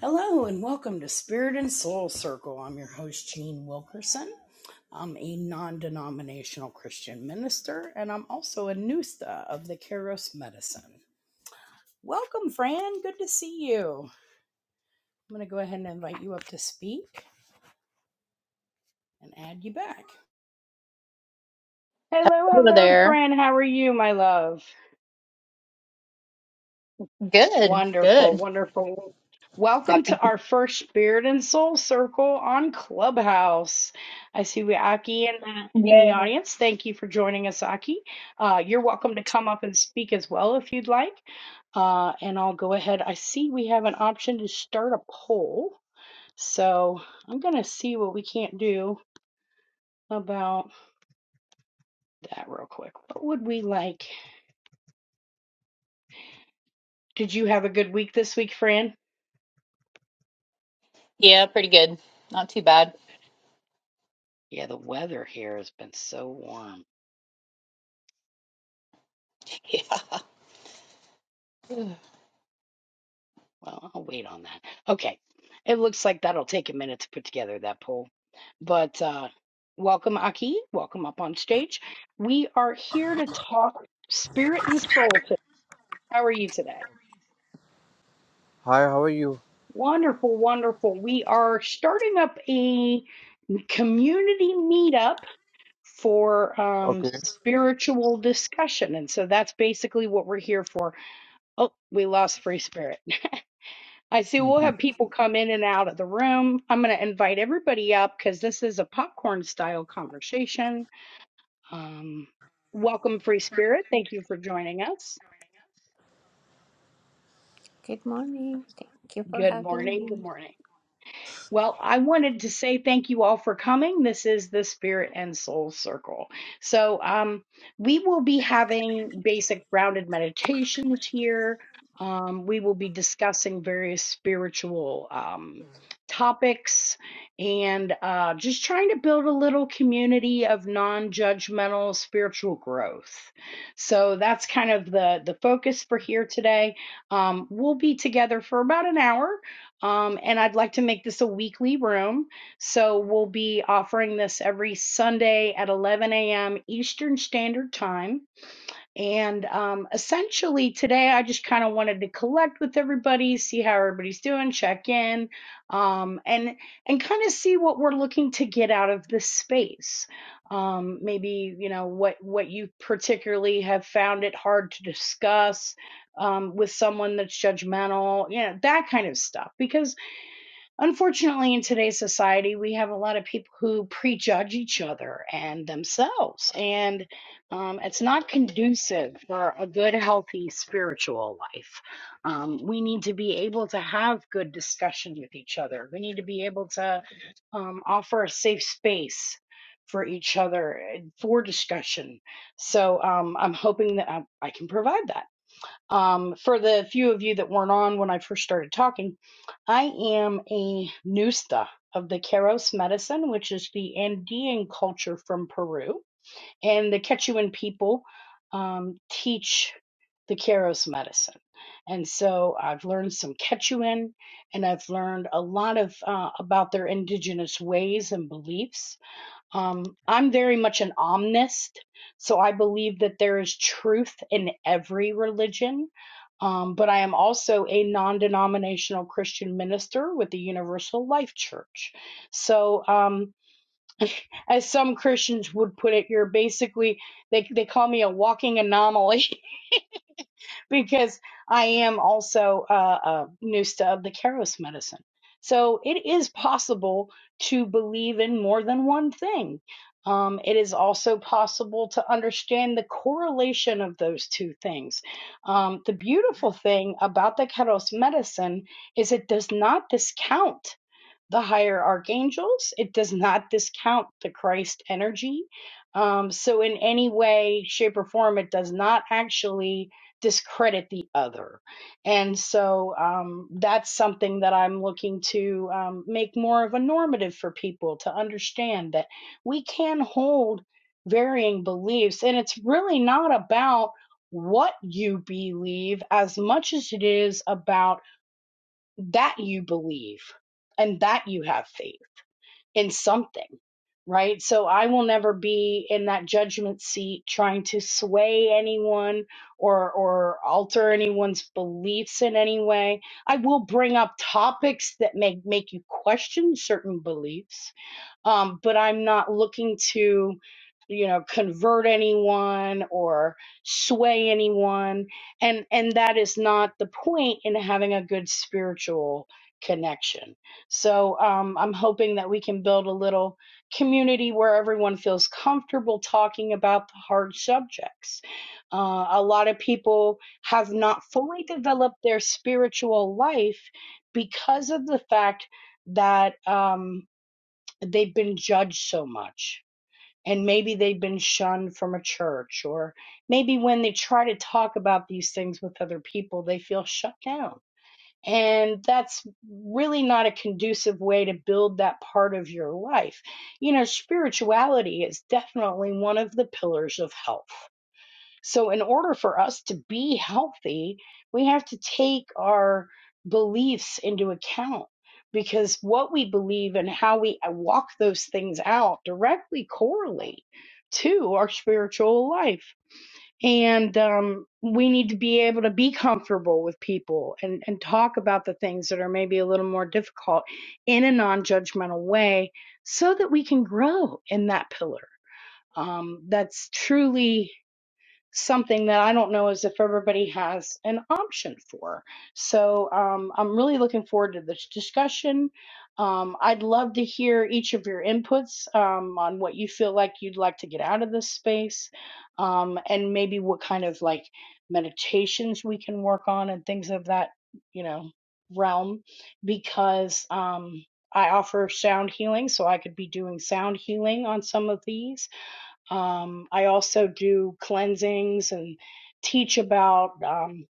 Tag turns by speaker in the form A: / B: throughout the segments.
A: Hello and welcome to Spirit and Soul Circle. I'm your host, Jean Wilkerson. I'm a non denominational Christian minister, and I'm also a Nusta of the Keros Medicine. Welcome, Fran. Good to see you. I'm going to go ahead and invite you up to speak and add you back. Hello,
B: Over
A: hello,
B: there.
A: Fran. How are you, my love?
B: Good,
A: Wonderful,
B: good.
A: wonderful. Welcome to
B: Happy.
A: our first Spirit and Soul Circle on Clubhouse. I see we Aki in the, in the
B: Yeah.
A: audience. Thank you for joining us, Aki. Uh, you're welcome to come up and speak as well if you'd like. Uh, and I'll go ahead. I see we have an option to start a poll. So I'm going to see what we can't do about that real quick. What would we like? Did you have a good week this week, Fran?
B: Yeah, pretty good. Not too bad.
A: Yeah, the weather here has been so warm.
B: Yeah.
A: Well, I'll wait on that. Okay. It looks like that'll take a minute to put together that poll. But uh, welcome, Aki. Welcome up on stage. We are here to talk spirit and soul. today. How are you today?
C: Hi, how are you?
A: Wonderful, wonderful. We are starting up a community meetup for um,
C: Okay.
A: spiritual discussion. And so that's basically what we're here for. Oh, we lost Free Spirit. I see we'll
C: Mhm.
A: have people come in and out of the room. I'm going to invite everybody up because this is a popcorn style conversation. Um, welcome, Free Spirit. Thank you for joining us.
D: Good morning. Thank you for
A: Good
D: having
A: morning. Good
D: me.
A: morning. Well, I wanted to say thank you all for coming. This is the Spirit and Soul Circle. So, um, we will be having basic grounded meditations here. Um, we will be discussing various spiritual um, topics and uh, just trying to build a little community of non-judgmental spiritual growth. So that's kind of the the focus for here today. Um, we'll be together for about an hour um, and I'd like to make this a weekly room. So we'll be offering this every Sunday at 11 a.m. Eastern Standard Time. And um, essentially, today I just kind of wanted to collect with everybody, see how everybody's doing, check in, um, and and kind of see what we're looking to get out of this space. Um, maybe you know what what you particularly have found it hard to discuss um, with someone that's judgmental, you know that kind of stuff. Because Unfortunately, in today's society, we have a lot of people who prejudge each other and themselves, and um, it's not conducive for a good, healthy spiritual life. Um, we need to be able to have good discussion with each other. We need to be able to um, offer a safe space for each other and for discussion. So um, I'm hoping that I, I can provide that. Um, for the few of you that weren't on when I first started talking, I am a Nusta of the Keros medicine, which is the Andean culture from Peru. And the Quechuan people um, teach the Keros medicine. And so I've learned some Quechuan and I've learned a lot of uh, about their indigenous ways and beliefs um, I'm very much an omnist, so I believe that there is truth in every religion. Um, but I am also a non denominational Christian minister with the Universal Life Church. So, um, as some Christians would put it, you're basically, they, they call me a walking anomaly because I am also a a Nusta of the Keros medicine. So it is possible to believe in more than one thing. Um, it is also possible to understand the correlation of those two things. Um, the beautiful thing about the Keros medicine is it does not discount the higher archangels. It does not discount the Christ energy. Um, so, in any way, shape, or form, it does not actually discredit the other. And so, um, that's something that I'm looking to um, make more of a normative for people to understand that we can hold varying beliefs. And it's really not about what you believe as much as it is about that you believe and that you have faith in something, right? So I will never be in that judgment seat trying to sway anyone or or alter anyone's beliefs in any way. I will bring up topics that make make you question certain beliefs um, but I'm not looking to, you know, convert anyone or sway anyone, and and that is not the point in having a good spiritual connection. So um, I'm hoping that we can build a little community where everyone feels comfortable talking about the hard subjects. Uh, a lot of people have not fully developed their spiritual life because of the fact that. Um, they've been judged so much and maybe they've been shunned from a church or maybe when they try to talk about these things with other people they feel shut down and that's really not a conducive way to build that part of your life you know spirituality is definitely one of the pillars of health so, in order for us to be healthy, we have to take our beliefs into account because what we believe and how we uh, walk those things out directly correlate to our spiritual life. And um, we need to be able to be comfortable with people and, and talk about the things that are maybe a little more difficult in a non judgmental way so that we can grow in that pillar. Um, that's truly something that I don't know is if everybody has an option for. So um, I'm really looking forward to this discussion. Um, I'd love to hear each of your inputs um, on what you feel like you'd like to get out of this space um, and maybe what kind of like meditations we can work on and things of that, you know, realm because um, I offer sound healing, so I could be doing sound healing on some of these um, I also do cleansings and teach about um,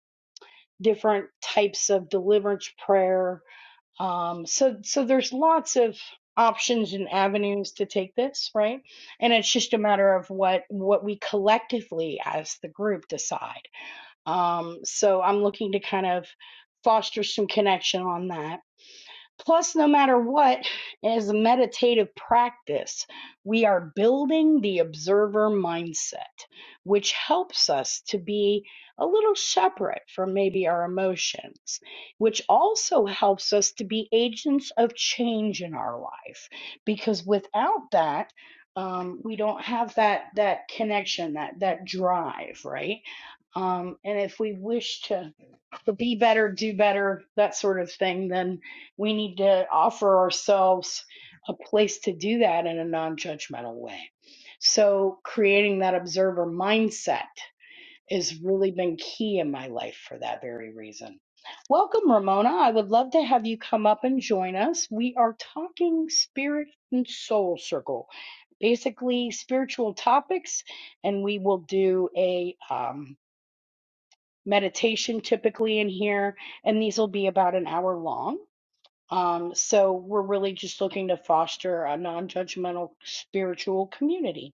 A: different types of deliverance prayer. Um, so, so there's lots of options and avenues to take this, right? And it's just a matter of what what we collectively as the group decide. Um, so, I'm looking to kind of foster some connection on that Plus, no matter what, as a meditative practice, we are building the observer mindset, which helps us to be a little separate from maybe our emotions, which also helps us to be agents of change in our life. Because without that, um, we don't have that that connection, that that drive, right? Um, and if we wish to the be better, do better, that sort of thing, then we need to offer ourselves a place to do that in a non judgmental way. So, creating that observer mindset has really been key in my life for that very reason. Welcome, Ramona. I would love to have you come up and join us. We are talking spirit and soul circle, basically spiritual topics, and we will do a um, meditation typically in here, and these will be about an hour long. Um, so we're really just looking to foster a non-judgmental spiritual community.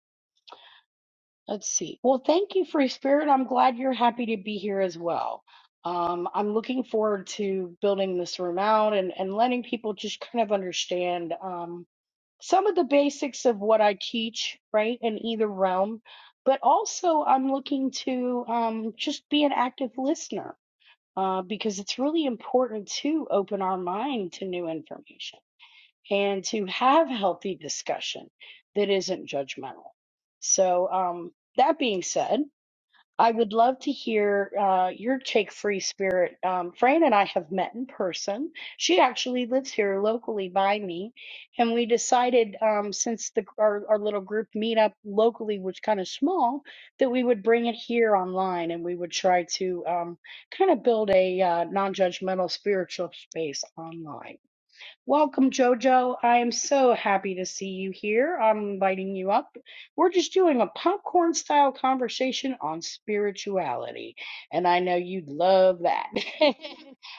A: Let's see. Well, thank you, Free Spirit. I'm glad you're happy to be here as well. Um, I'm looking forward to building this room out and, and letting people just kind of understand um, some of the basics of what I teach, right, in either realm. But also, I'm looking to um, just be an active listener uh, because it's really important to open our mind to new information and to have healthy discussion that isn't judgmental. So, um, that being said, I would love to hear uh, your Take Free spirit. Um, Fran and I have met in person. She actually lives here locally by me. And we decided, um, since the, our, our little group meetup locally was kind of small, that we would bring it here online and we would try to um, kind of build a uh, non judgmental spiritual space online. Welcome, Jojo. I am so happy to see you here. I'm inviting you up. We're just doing a popcorn style conversation on spirituality, and I know you'd love that.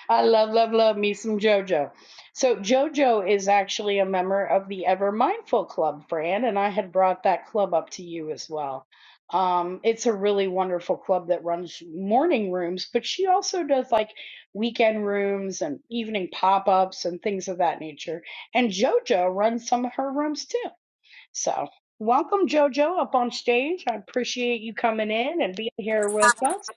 A: I love, love, love me some Jojo. So, Jojo is actually a member of the Ever Mindful Club, Fran, and I had brought that club up to you as well. Um, it's a really wonderful club that runs morning rooms, but she also does like weekend rooms and evening pop ups and things of that nature. And JoJo runs some of her rooms too. So, welcome, JoJo, up on stage. I appreciate you coming in and being here with us.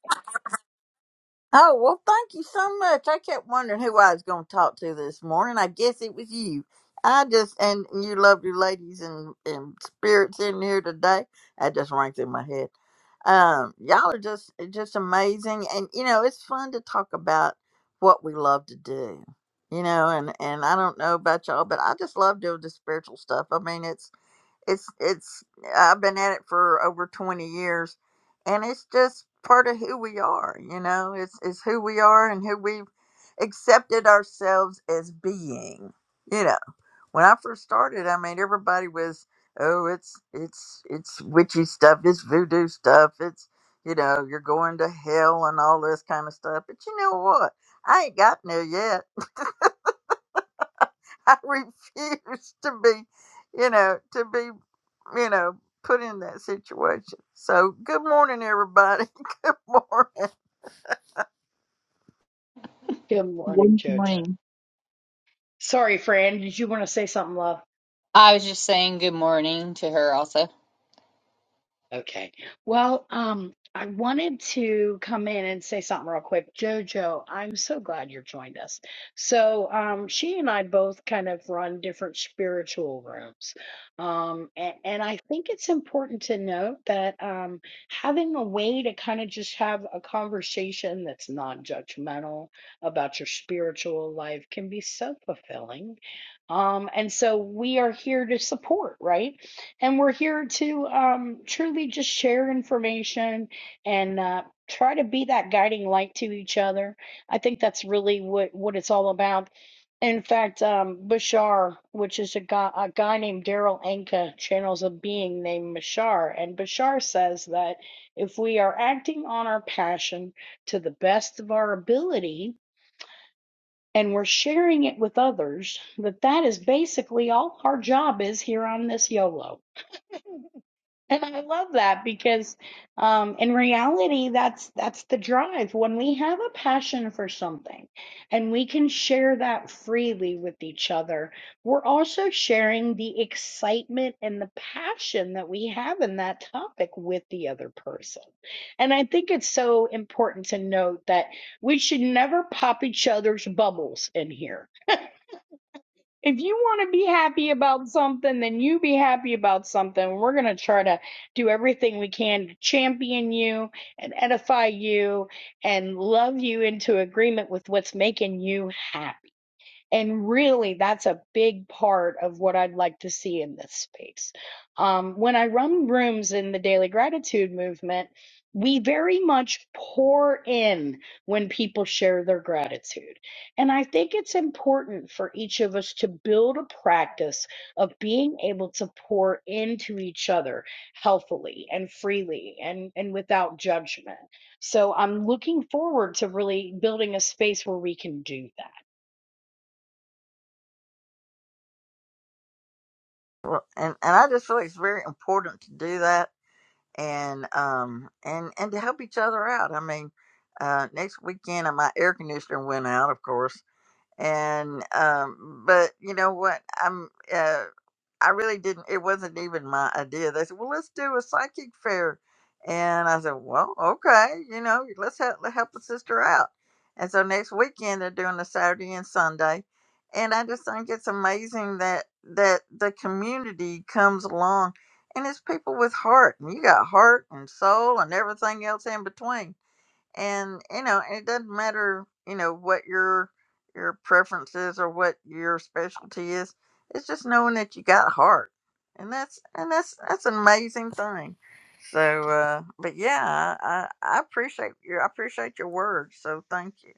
E: Oh, well, thank you so much. I kept wondering who I was going to talk to this morning. I guess it was you. I just, and you lovely ladies and, and spirits in here today. That just rang through my head. Um, y'all are just, eh, just amazing. And, you know, it's fun to talk about what we love to do, you know, and, and I don't know about y'all, but I just love doing the spiritual stuff. I mean, it's, it's it's I've been at it for over 20 years and it's just part of who we are, you know. It's it's who we are and who we've accepted ourselves as being. You know, when I first started, I mean everybody was, "Oh, it's it's it's witchy stuff, it's voodoo stuff, it's you know, you're going to hell and all this kind of stuff." But you know what? I ain't gotten there yet. I refuse to be you know, to be you know, put in that situation. So, good morning, everybody. good morning.
A: Good morning,
B: Good
A: JoJo.
B: morning.
A: Sorry, Fran. Did you want to say something, love?
B: I was just saying good morning to her also.
A: Okay. Well, um, I wanted to come in and say something real quick. Jojo, I'm so glad you joined us. So, um, she and I both kind of run different spiritual rooms. Um, and, and I think it's important to note that um, having a way to kind of just have a conversation that's non-judgmental about your spiritual life can be so fulfilling. Um, and so we are here to support, right? And we're here to um, truly just share information and uh, try to be that guiding light to each other. I think that's really what, what it's all about. In fact, um, Bashar, which is a guy, a guy named Daryl Anka, channels a being named Bashar. And Bashar says that if we are acting on our passion to the best of our ability, and we're sharing it with others that that is basically all our job is here on this YOLO and I love that because um, in reality, that's that's the drive. When we have a passion for something and we can share that freely with each other, we're also sharing the excitement and the passion that we have in that topic with the other person. And I think it's so important to note that we should never pop each other's bubbles in here if you want to be happy about something, then you be happy about something. We're going to try to do everything we can to champion you and edify you and love you into agreement with what's making you happy. And really, that's a big part of what I'd like to see in this space. Um, when I run rooms in the daily gratitude movement, we very much pour in when people share their gratitude. And I think it's important for each of us to build a practice of being able to pour into each other healthily and freely and, and without judgment. So I'm looking forward to really building a space where we can do that.
E: Well, and and I just feel like it's very important to do that, and um, and and to help each other out. I mean, uh, next weekend uh, my air conditioner went out, of course, and um, but you know what? I'm uh, I really didn't. It wasn't even my idea. They said, "Well, let's do a psychic fair," and I said, "Well, okay, you know, let's help let's help a sister out." And so next weekend they're doing a Saturday and Sunday, and I just think it's amazing that that the community comes along, and it's people with heart, and you got heart and soul and everything else in between and you know and it doesn't matter you know what your your preference is or what your specialty is it's just knowing that you got heart and that's and that's that's an amazing thing so uh but yeah i i appreciate your i appreciate your words so thank you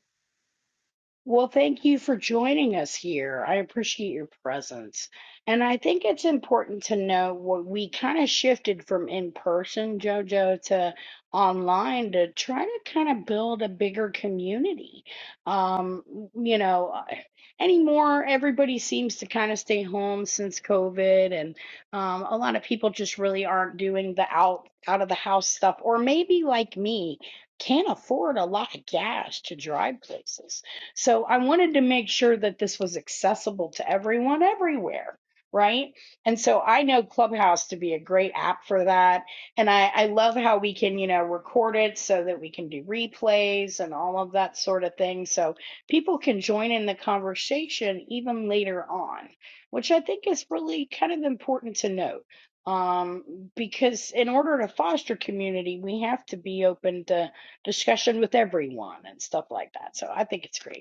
A: Well, thank you for joining us here. I appreciate your presence. And I think it's important to know what we kind of shifted from in person, JoJo, to online to try to kind of build a bigger community. Um, you know, I- anymore, everybody seems to kind of stay home since COVID, and um, a lot of people just really aren't doing the out out of the house stuff, or maybe like me, can't afford a lot of gas to drive places. So I wanted to make sure that this was accessible to everyone everywhere, right? And so I know Clubhouse to be a great app for that. And I, I love how we can, you know, record it so that we can do replays and all of that sort of thing. So people can join in the conversation even later on, which I think is really kind of important to note. Um, because in order to foster community, we have to be open to discussion with everyone and stuff like that. So I think it's great.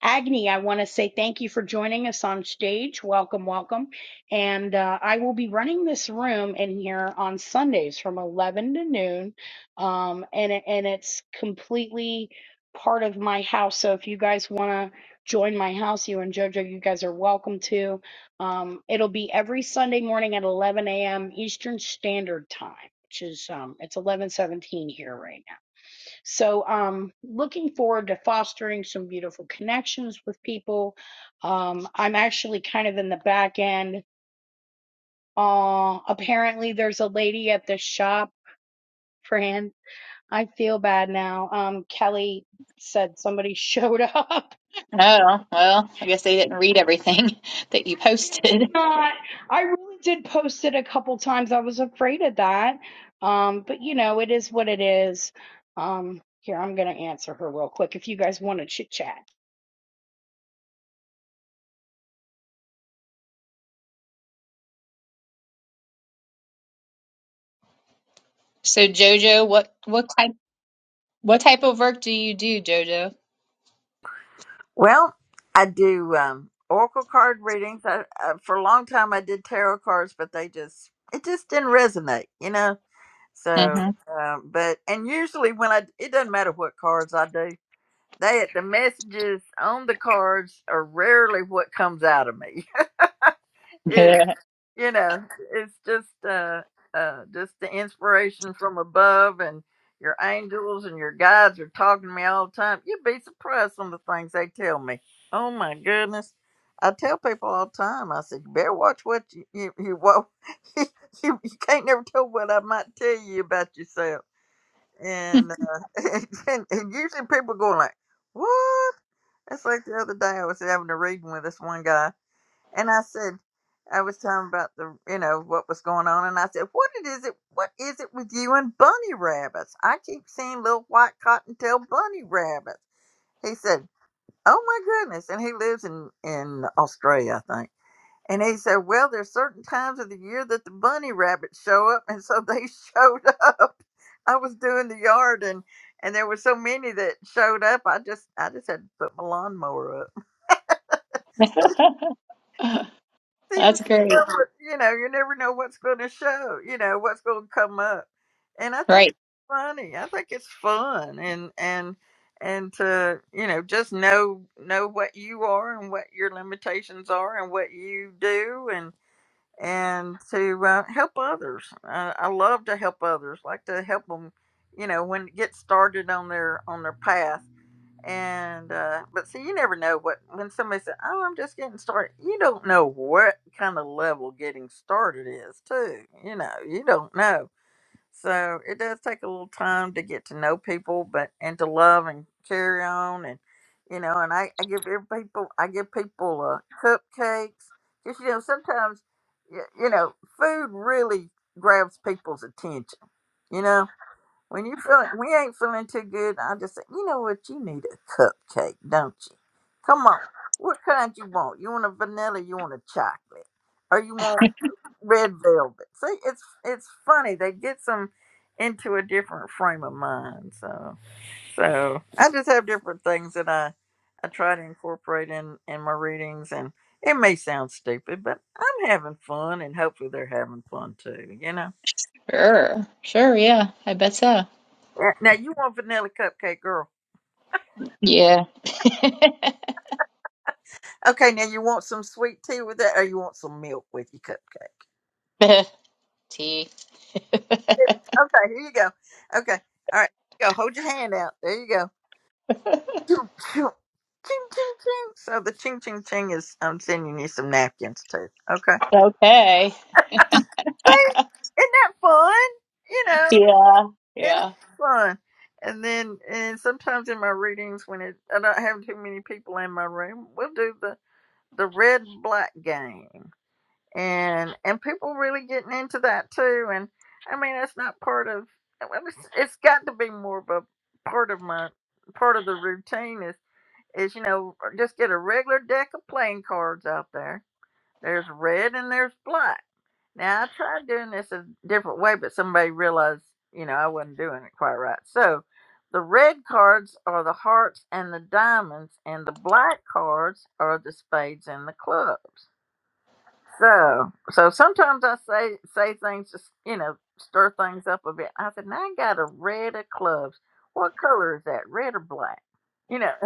A: Agni, I want to say thank you for joining us on stage. Welcome, welcome. And uh, I will be running this room in here on Sundays from 11 to noon. Um, and, it- and it's completely part of my house. So if you guys want to join my house, you and JoJo, you guys are welcome to. Um, it'll be every Sunday morning at 11 a.m. Eastern Standard Time, which is um, it's 11:17 here right now. So, um, looking forward to fostering some beautiful connections with people. Um, I'm actually kind of in the back end. Uh, apparently there's a lady at the shop, Fran. I feel bad now. Um, Kelly said somebody showed up
B: Oh, well, I guess they didn't read everything that you
A: I guess
B: posted.
A: not. I really did post it a couple times. I was afraid of that. Um, but you know, it is what it is. Um, here, I'm gonna answer her real quick if you guys want to chit chat.
B: So Jojo, what what type what type of work do you do, Jojo?
E: well i do um oracle card readings I, I for a long time i did tarot cards but they just it just didn't resonate you know so
B: Mm-hmm.
E: um, but and usually when i it doesn't matter what cards i do They the messages on the cards are rarely what comes out of me. It,
B: Yeah.
E: you know, it's just uh, uh, just the inspiration from above, and your angels and your guides are talking to me all the time. You'd be surprised on the things they tell me. Oh my goodness! I tell people all the time. I said, you better watch what you you you, what, you, you can't never tell what I might tell you about yourself. And uh, and, and usually people go like, what? That's like the other day I was having a reading with this one guy, and I said, I was talking about the, you know, what was going on, and I said, "What it is it? What is it with you and bunny rabbits? I keep seeing little white cottontail bunny rabbits." He said, "Oh my goodness!" And he lives in in Australia, I think. And he said, "Well, there's certain times of the year that the bunny rabbits show up, and so they showed up. I was doing the yard, and and there were so many that showed up. I just I just had to put my lawnmower up." So you never,
B: That's great.
E: know, what- you know, you never know what's going to show, you know, what's going to come up. And I think
B: Right.
E: it's funny. I think it's fun, and and and to you know just know know what you are and what your limitations are and what you do, and and to uh, help others. Uh, I love to help others. Like to help them, you know, when get started on their on their path and uh, but see, you never know what when somebody said, "Oh, I'm just getting started." You don't know what kind of level getting started is, too. You know, you don't know. So it does take a little time to get to know people, but and to love and carry on, and you know. And I, I give every people, I give people uh, cupcakes because you know sometimes, you, you know, food really grabs people's attention. You know, when you feel like, we ain't feeling too good, I just say, you know what, you need a cupcake, don't you? Come on, what kind you want? You want a vanilla? You want a chocolate? Or you want red velvet? See, it's it's funny. They get them into a different frame of mind. So, so I just have different things that I I try to incorporate in in my readings, and it may sound stupid, but I'm having fun, and hopefully they're having fun too. You know.
B: Sure. Sure, yeah. I bet so.
E: Yeah, Now you want vanilla cupcake, girl?
B: Yeah.
E: Okay, now you want some sweet tea with that, or you want some milk with your cupcake?
B: Tea.
E: Okay, here you go. Okay, all right, go. Hold your hand out. There you go. Ching, ching, ching, ching. ching. So the ching, ching, ching is I'm sending you some napkins too. Okay.
B: Okay.
E: See, isn't that fun? You know,
B: Yeah,
E: it's
B: yeah.
E: fun. And then, and sometimes in my readings, when it, I don't have too many people in my room, we'll do the the red black game. and and people really getting into that too. And I mean, it's not part of. I mean, It's, it's got to be more of a part of my part of the routine is is you know just get a regular deck of playing cards out there. There's red and there's black. Now I tried doing this a different way, but somebody realized you know I wasn't doing it quite right. So the red cards are the hearts and the diamonds, and the black cards are the spades and the clubs so, so sometimes I say say things just you know stir things up a bit. I said, "Now I got a red of clubs. What color is that? Red or black?" You know,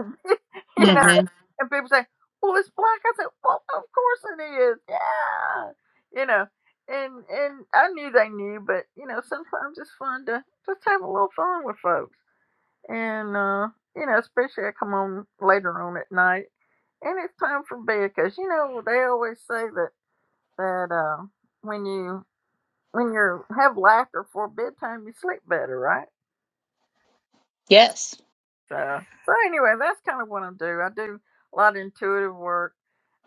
E: you know.
B: Mm-hmm.
E: And people say, "Well, it's black." I said, "Well, of course it is. Yeah, you know." And and I knew they knew, but you know, sometimes it's fun to just have a little fun with folks. And uh, you know, especially I come on later on at night, and it's time for bed because you know they always say that that uh, when you when you have laughter for bedtime, you sleep better, right?
B: Yes,
E: So, so anyway, that's kind of what I do. I do a lot of intuitive work.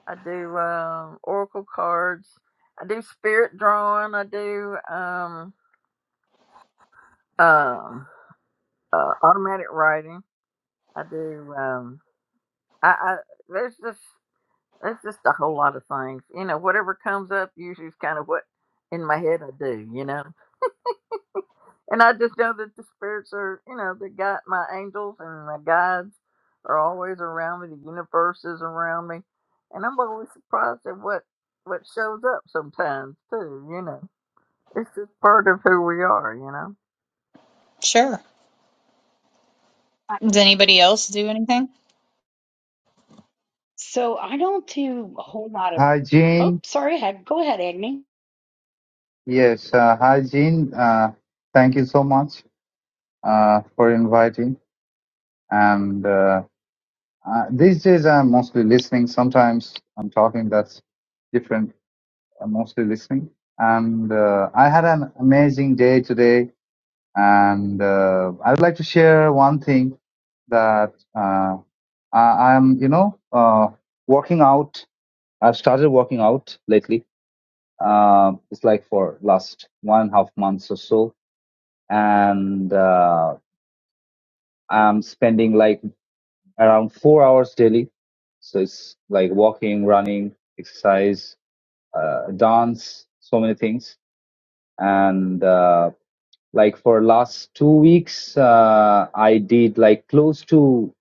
E: I do um, oracle cards. I do spirit drawing. I do um, um, uh, automatic writing. I do. Um, I, I there's just there's just a whole lot of things. You know, whatever comes up usually is kind of what in my head I do. You know. And I just know that the spirits are, you know, the got my angels and my guides are always around me. The universe is around me, and I'm always surprised at what what shows up sometimes too. You know, it's just part of who we are. You know.
B: sure.
A: I
B: Does anybody else do anything?
A: So I don't do a whole lot of.
F: Hi,
A: Oh,
F: Jean.
A: sorry. Ag- Go ahead, Agni.
F: Yes, uh, hi, Jean. Uh, thank you so much uh, for inviting. And uh, uh, these days, I'm mostly listening. Sometimes I'm talking. That's different. I'm mostly listening. And uh, I had an amazing day today. And uh, I would like to share one thing that uh, I, I'm, you know, uh, working out. I've started working out lately. Um it's like for last one and a half months or so and uh, I'm spending like around four hours daily. So it's like walking, running, exercise, uh, dance, so many things. And uh, like for last two weeks, uh, I did like close to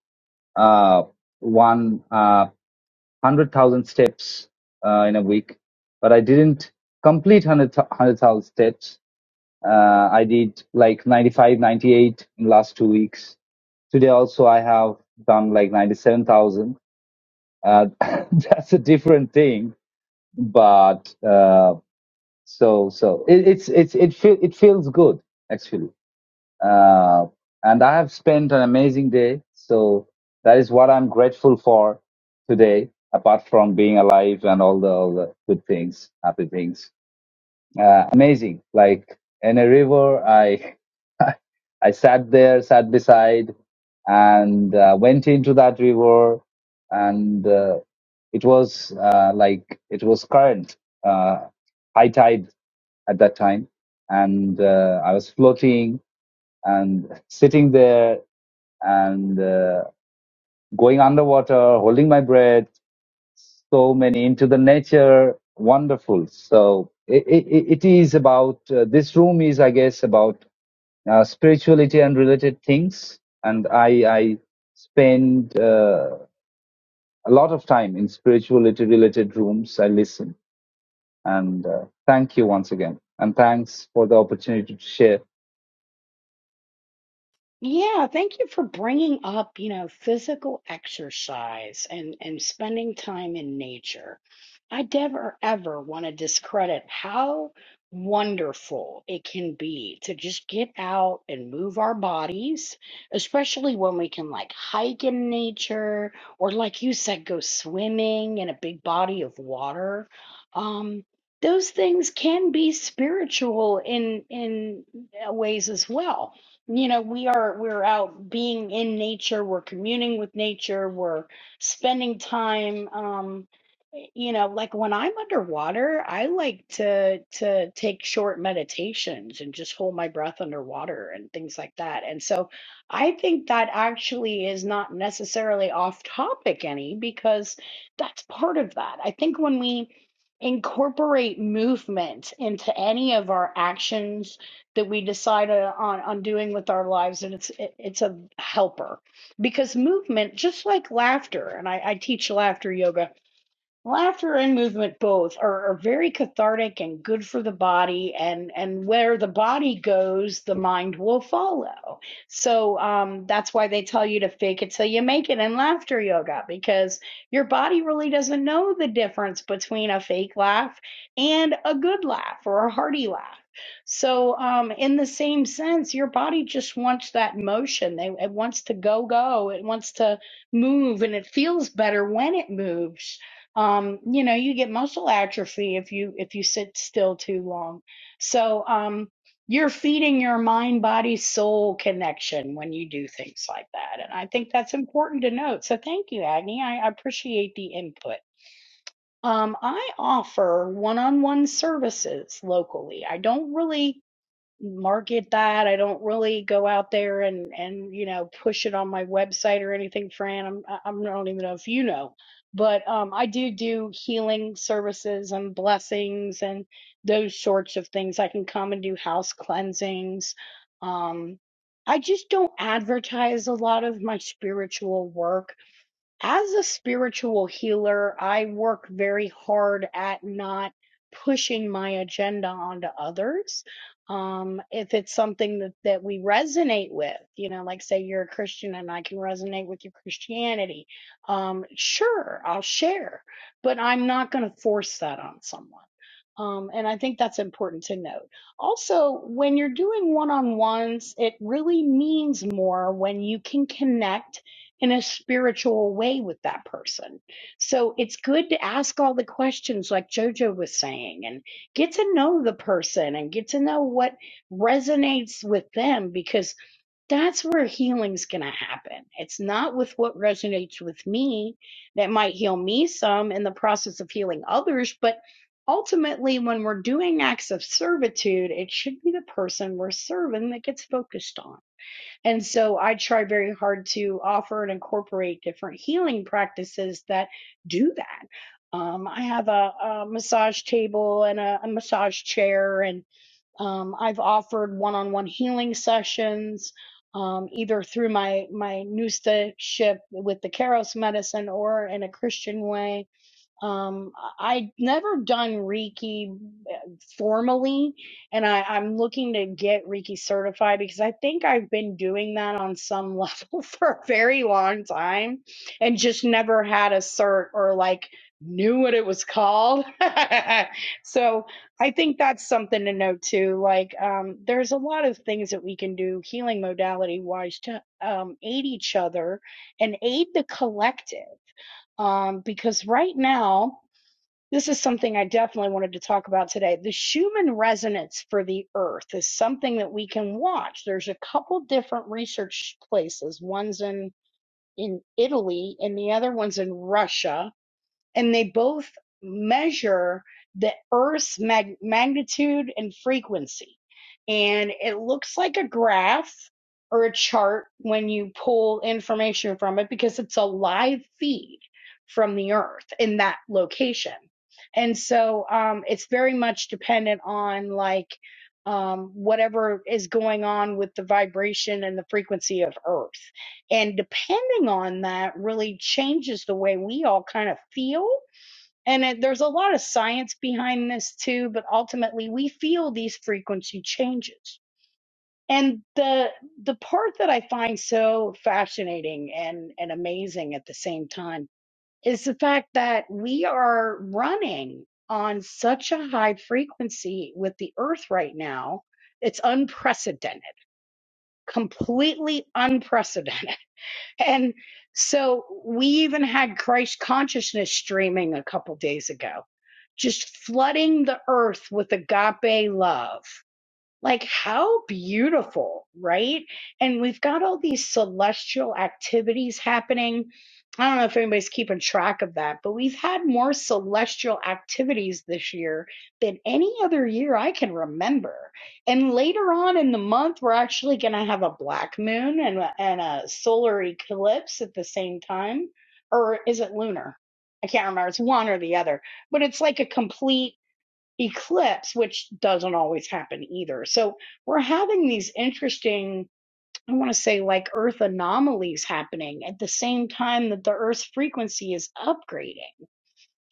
F: uh, one uh, hundred thousand steps uh, in a week, but I didn't complete hundred hundred thousand steps. Uh, I did like 95, 98 in last two weeks Today also I have done like 97,000. Uh, that's a different thing, but, uh, so, so it, it's, it's, it feel, it feels good actually. Uh, and I have spent an amazing day. So that is what I'm grateful for today, apart from being alive and all the, all the good things, happy things. Uh, amazing. Like in a river, I, I sat there, sat beside, and uh, went into that river, and uh, it was uh, like it was current, uh, high tide at that time, and uh, I was floating and sitting there and uh, going underwater, holding my breath, so many into the nature, wonderful. So it, it, it is about uh, this room is, I guess, about uh, spirituality and related things and i i spend uh, a lot of time in spirituality related rooms i listen and uh, thank you once again and thanks for the opportunity to share
A: Yeah, thank you for bringing up, you know, physical exercise and and spending time in nature. I never ever want to discredit how wonderful it can be to just get out and move our bodies, especially when we can like hike in nature or like you said, go swimming in a big body of water. Um, those things can be spiritual in in uh, ways as well you know we are we're out being in nature we're communing with nature we're spending time um you know like when i'm underwater i like to to take short meditations and just hold my breath underwater and things like that and so i think that actually is not necessarily off topic any because that's part of that i think when we incorporate movement into any of our actions that we decide uh, on on doing with our lives and it's it, it's a helper because movement just like laughter and I, I teach laughter yoga Laughter and movement both are, are very cathartic and good for the body, and and where the body goes, the mind will follow. So um, that's why they tell you to fake it till you make it in laughter yoga because your body really doesn't know the difference between a fake laugh and a good laugh or a hearty laugh. So um, in the same sense, your body just wants that motion. They, it wants to go go. It wants to move, and it feels better when it moves um, you know, you get muscle atrophy if you if you sit still too long. So um, you're feeding your mind body soul connection when you do things like that, and I think that's important to note. So thank you, Agni. I I appreciate the input. Um, I offer one-on-one services locally. I don't really market that. I don't really go out there and and you know push it on my website or anything, Fran. I'm I- I'm I am i do not even know if you know, but um I do do healing services and blessings and those sorts of things. I can come and do house cleansings. Um I just don't advertise a lot of my spiritual work as a spiritual healer, I work very hard at not pushing my agenda onto others. Um, if it's something that, that we resonate with, you know, like say you're a Christian and I can resonate with your Christianity, um, sure, I'll share, but I'm not going to force that on someone. Um, and I think that's important to note. Also, when you're doing one on ones, it really means more when you can connect in a spiritual way with that person. So it's good to ask all the questions, like JoJo was saying, and get to know the person and get to know what resonates with them because that's where healing's going to happen. It's not with what resonates with me that might heal me some in the process of healing others, but ultimately, when we're doing acts of servitude, it should be the person we're serving that gets focused on. And so I try very hard to offer and incorporate different healing practices that do that. Um, I have a, a massage table and a, a massage chair, and. Um, I've offered one-on-one healing sessions, um, either through my my Nusta ship with the Keros medicine or in a Christian way um, I- would never done Reiki uh, formally, and I, I'm looking to get Reiki certified because I think I've been doing that on some level for a very long time and just never had a cert or like knew what it was called. so I think that's something to note too. Like, um, there's a lot of things that we can do healing modality wise to um, aid each other and aid the collective um, because right now this is something I definitely wanted to talk about today. The Schumann resonance for the Earth is something that we can watch. There's a couple different research places. One's in in Italy, and the other one's in Russia and they both measure the Earth's mag- magnitude and frequency. And it looks like a graph or a chart when you pull information from it because it's a live feed from the Earth in that location. And so um, it's very much dependent on like um, whatever is going on with the vibration and the frequency of Earth. And depending on that really changes the way we all kind of feel. And it, there's a lot of science behind this too, but ultimately we feel these frequency changes. And the the part that I find so fascinating and, and amazing at the same time is the fact that we are running on such a high frequency with the earth right now. It's unprecedented, completely unprecedented. And so we even had Christ consciousness streaming a couple days ago, just flooding the earth with agape love. Like, how beautiful, right? And we've got all these celestial activities happening. I don't know if anybody's keeping track of that, but we've had more celestial activities this year than any other year I can remember. And later on in the month, we're actually going to have a black moon and, a- and a solar eclipse at the same time. Or is it lunar? I can't remember. It's one or the other, but it's like a complete eclipse, which doesn't always happen either. So we're having these interesting, I want to say, like Earth anomalies happening at the same time that the Earth's frequency is upgrading.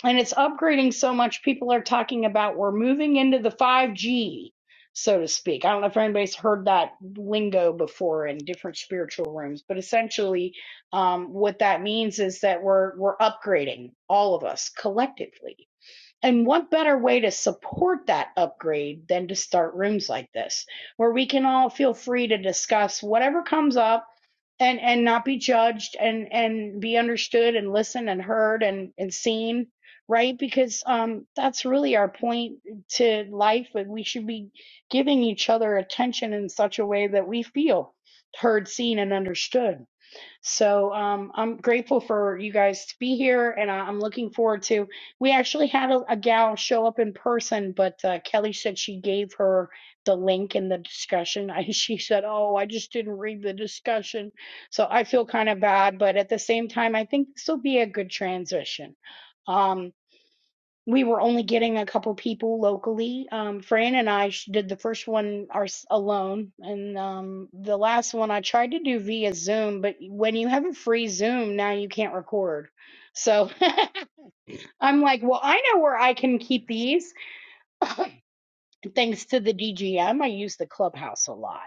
A: And it's upgrading so much, people are talking about we're moving into the 5G, so to speak. I don't know if anybody's heard that lingo before in different spiritual rooms, but essentially, um, what that means is that we're we're upgrading all of us collectively and what better way to support that upgrade than to start rooms like this, where we can all feel free to discuss whatever comes up and and not be judged and and be understood and listened and heard and and seen, right? Because um that's really our point to life, and we should be giving each other attention in such a way that we feel heard, seen, and understood. So um, I'm grateful for you guys to be here, and I- I'm looking forward to. We actually had a, a gal show up in person, but uh, Kelly said she gave her the link in the discussion. I, she said, "Oh, I just didn't read the discussion," so I feel kind of bad, but at the same time, I think this will be a good transition. Um, we were only getting a couple people locally. Um, Fran and I sh- did the first one our, alone, and um, the last one I tried to do via Zoom. But when you have a free Zoom, now you can't record. So I'm like, well, I know where I can keep these. thanks to the DGM, I use the clubhouse a lot.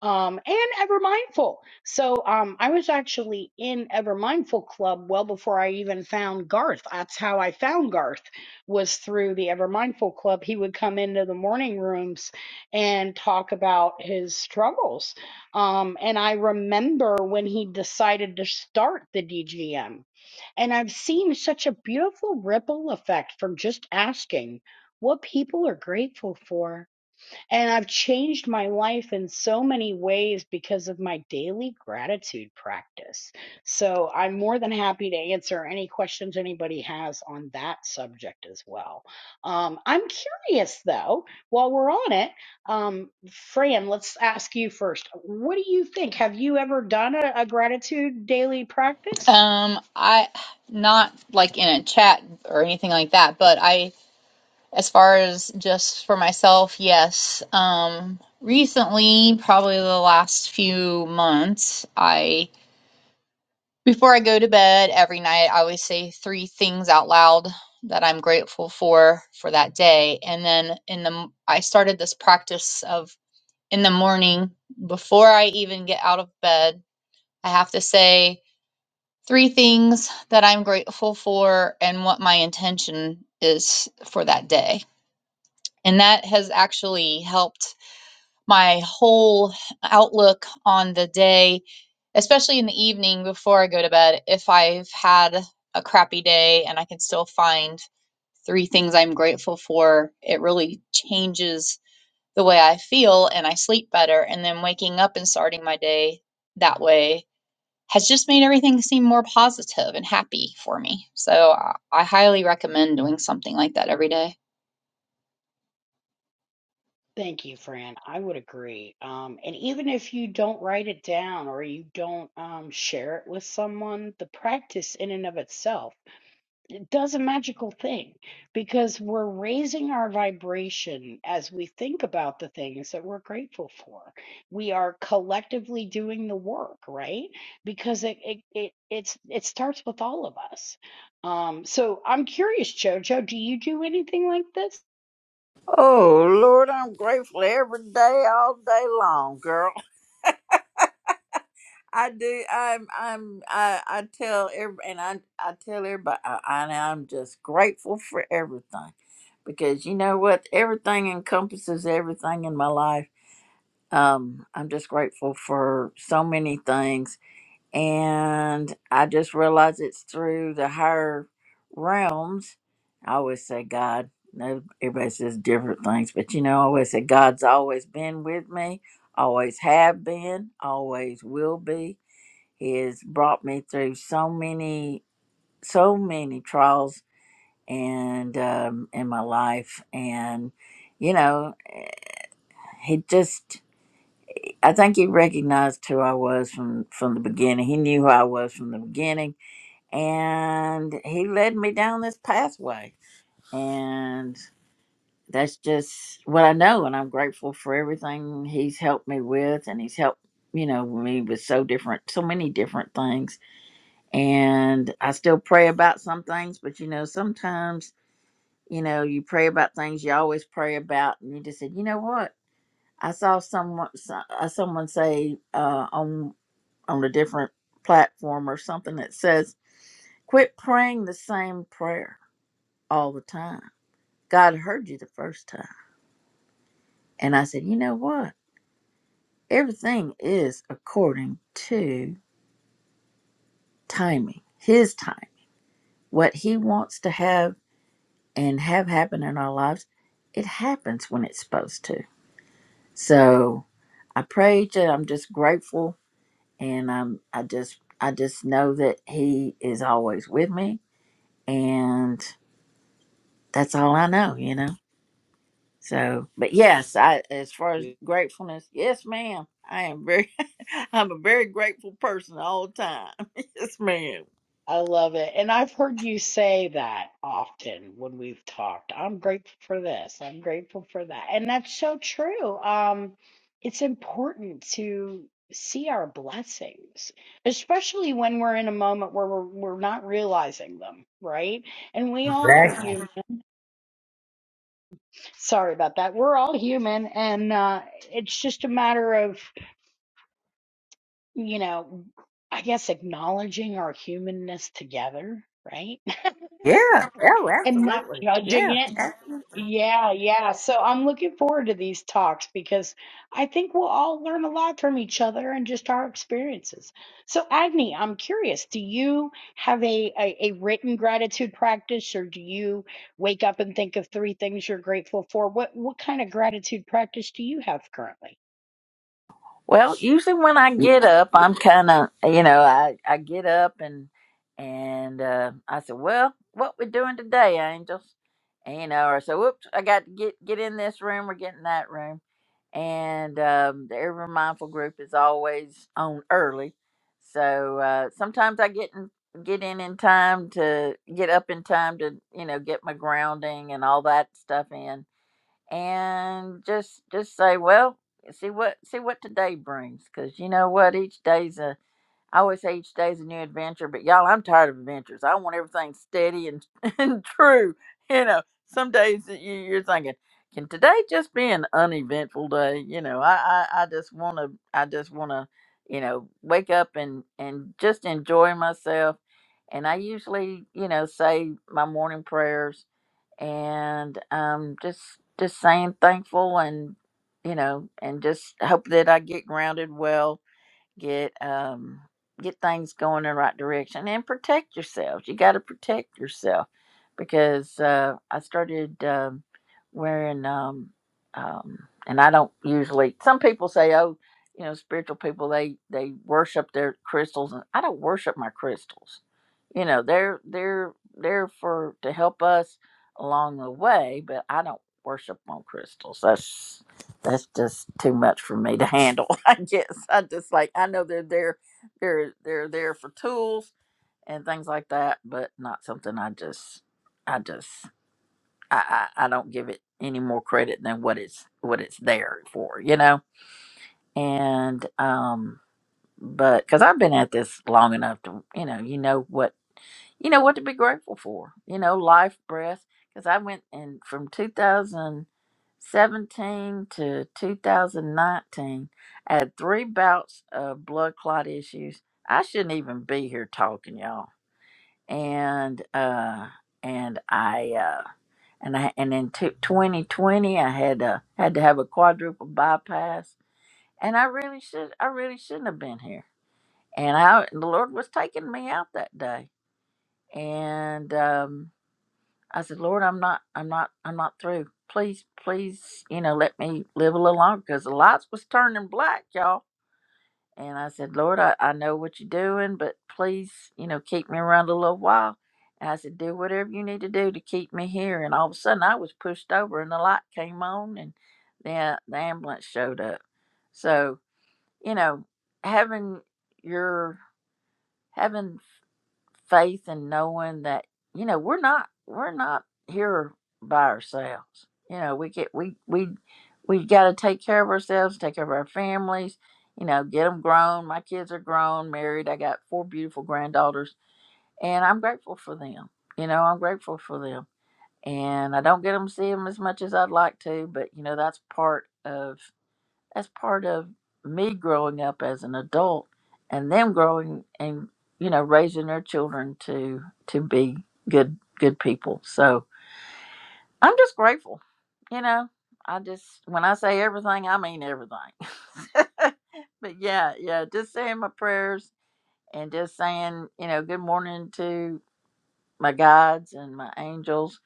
A: Um, and Evermindful. So um, I was actually in Evermindful Club well before I even found Garth. That's how I found Garth was through the Evermindful Club. He would come into the morning rooms and talk about his struggles. Um, and I remember when he decided to start the DGM. And I've seen such a beautiful ripple effect from just asking what people are grateful for. And I've changed my life in so many ways because of my daily gratitude practice. So I'm more than happy to answer any questions anybody has on that subject as well. Um, I'm curious though, while we're on it, um, Fran, let's ask you first. What do you think? Have you ever done a, a gratitude daily practice?
B: Um, I not like in a chat or anything like that, but I, as far as just for myself, yes. Um, recently, probably the last few months, I before I go to bed every night, I always say three things out loud that I'm grateful for for that day, and then in the m- I started this practice of in the morning before I even get out of bed, I have to say three things that I'm grateful for and what my intention is for that day. And that has actually helped my whole outlook on the day, especially in the evening before I go to bed. If I've had a crappy day and I can still find three things I'm grateful for, it really changes the way I feel and I sleep better. And then waking up and starting my day that way has just made everything seem more positive and happy for me. So I, I highly recommend doing something like that every day.
A: Thank you, Fran. I would agree. Um, and even if you don't write it down or you don't um, share it with someone, the practice in and of itself it does a magical thing because we're raising our vibration as we think about the things that we're grateful for. We are collectively doing the work, right? Because it it it it's it starts with all of us. Um, so I'm curious, Jojo, do you do anything like this?
E: Oh Lord, I'm grateful every day, all day long, girl. I do. I'm. I'm. I. I tell every, and I. I tell everybody. I, I, I'm just grateful for everything, because you know what? Everything encompasses everything in my life. Um, I'm just grateful for so many things, and I just realize it's through the higher realms. I always say God. No, everybody says different things, but you know, I always say God's always been with me, always have been, always will be he has brought me through so many, so many trials and um, in my life, and you know, he just. I think he recognized who I was from from the beginning. He knew who I was from the beginning, and he led me down this pathway. And that's just what I know, and I'm grateful for everything he's helped me with, and he's helped you know me with so different, so many different things and I still pray about some things, but you know, sometimes, you know, you pray about things you always pray about, and you just said, you know what? I saw someone so- uh, someone say uh, on on a different platform or something that says, "Quit praying the same prayer all the time. God heard you the first time." And I said, you know what? Everything is according to timing, His time, what He wants to have and have happen in our lives, it happens when it's supposed to. So I praise you. I'm just grateful, and I'm I just I just know that He is always with me, and that's all I know, you know. So, but yes, I as far as gratefulness, yes, ma'am. I am very, I'm a very grateful person all the time. Yes, ma'am.
A: I love it. And I've heard you say that often when we've talked. I'm grateful for this. I'm grateful for that. And that's so true. Um, it's important to see our blessings, especially when we're in a moment where we're, we're not realizing them, right? And we all are human.
E: Exactly.
A: Sorry about that. We're all human. And uh, it's just a matter of, you know, I guess acknowledging our humanness together, right?
E: Yeah. Oh,
A: and not
E: absolutely.
A: judging
E: Yeah.
A: it Yeah, yeah. So I'm looking forward to these talks because I think we'll all learn a lot from each other and just our experiences. So, Agni, I'm curious, do you have a, a, a written gratitude practice or do you wake up and think of three things you're grateful for? What what kind of gratitude practice do you have currently?
E: Well, usually when I get up, I'm kind of, you know, I, I get up and and uh, I said, "Well, what we doing today, angels?" And, you know, or so, "Whoops, I got to get get in this room or get in that room." And um, the Ever Mindful group is always on early, so uh, sometimes I get in get in in time to get up in time to you know get my grounding and all that stuff in and just just say, well, see what see what today brings, because you know what, each day's a I always say each day's a new adventure, but y'all, I'm tired of adventures. I want everything steady and and true. You know, some days that you, you're thinking, can today just be an uneventful day? You know, I I, I just want to I just want to you know wake up and and just enjoy myself. And I usually, you know, say my morning prayers and um just just saying thankful and you know and just hope that I get grounded well get um get things going in the right direction and protect yourselves you got to protect yourself because uh i started um wearing um um and i don't usually some people say oh you know spiritual people they they worship their crystals and i don't worship my crystals you know they're they're they're for to help us along the way but i don't worship on crystals That's that's just too much for me to handle. I guess I just like I know they're there, they're they're there for tools and things like that, but not something I just I just I I, I don't give it any more credit than what it's what it's there for, you know. And um, but because I've been at this long enough to you know you know what you know what to be grateful for you know life breath because i went in from 2017 to 2019 i had three bouts of blood clot issues i shouldn't even be here talking y'all and uh and i uh and i and in t- 2020 i had uh had to have a quadruple bypass and i really should i really shouldn't have been here and i the lord was taking me out that day and um I said, Lord, I'm not, I'm not, I'm not through. Please, please, you know, let me live a little longer because the lights was turning black, y'all. And I said, Lord, I, I know what you're doing, but please, you know, keep me around a little while. And I said, do whatever you need to do to keep me here. And all of a sudden I was pushed over and the light came on and then the ambulance showed up. So, you know, having your, having faith in knowing that you know we're not we're not here by ourselves. You know, we get we we we got to take care of ourselves, take care of our families. You know, get them grown. My kids are grown, married. I got four beautiful granddaughters, and I'm grateful for them. You know, I'm grateful for them, and I don't get them to see them as much as I'd like to, but you know that's part of that's part of me growing up as an adult and them growing and you know raising their children to to be good good people. So I'm just grateful. You know, I just when I say everything, I mean everything. but yeah, yeah, just saying my prayers and just saying, you know, good morning to my guides and my angels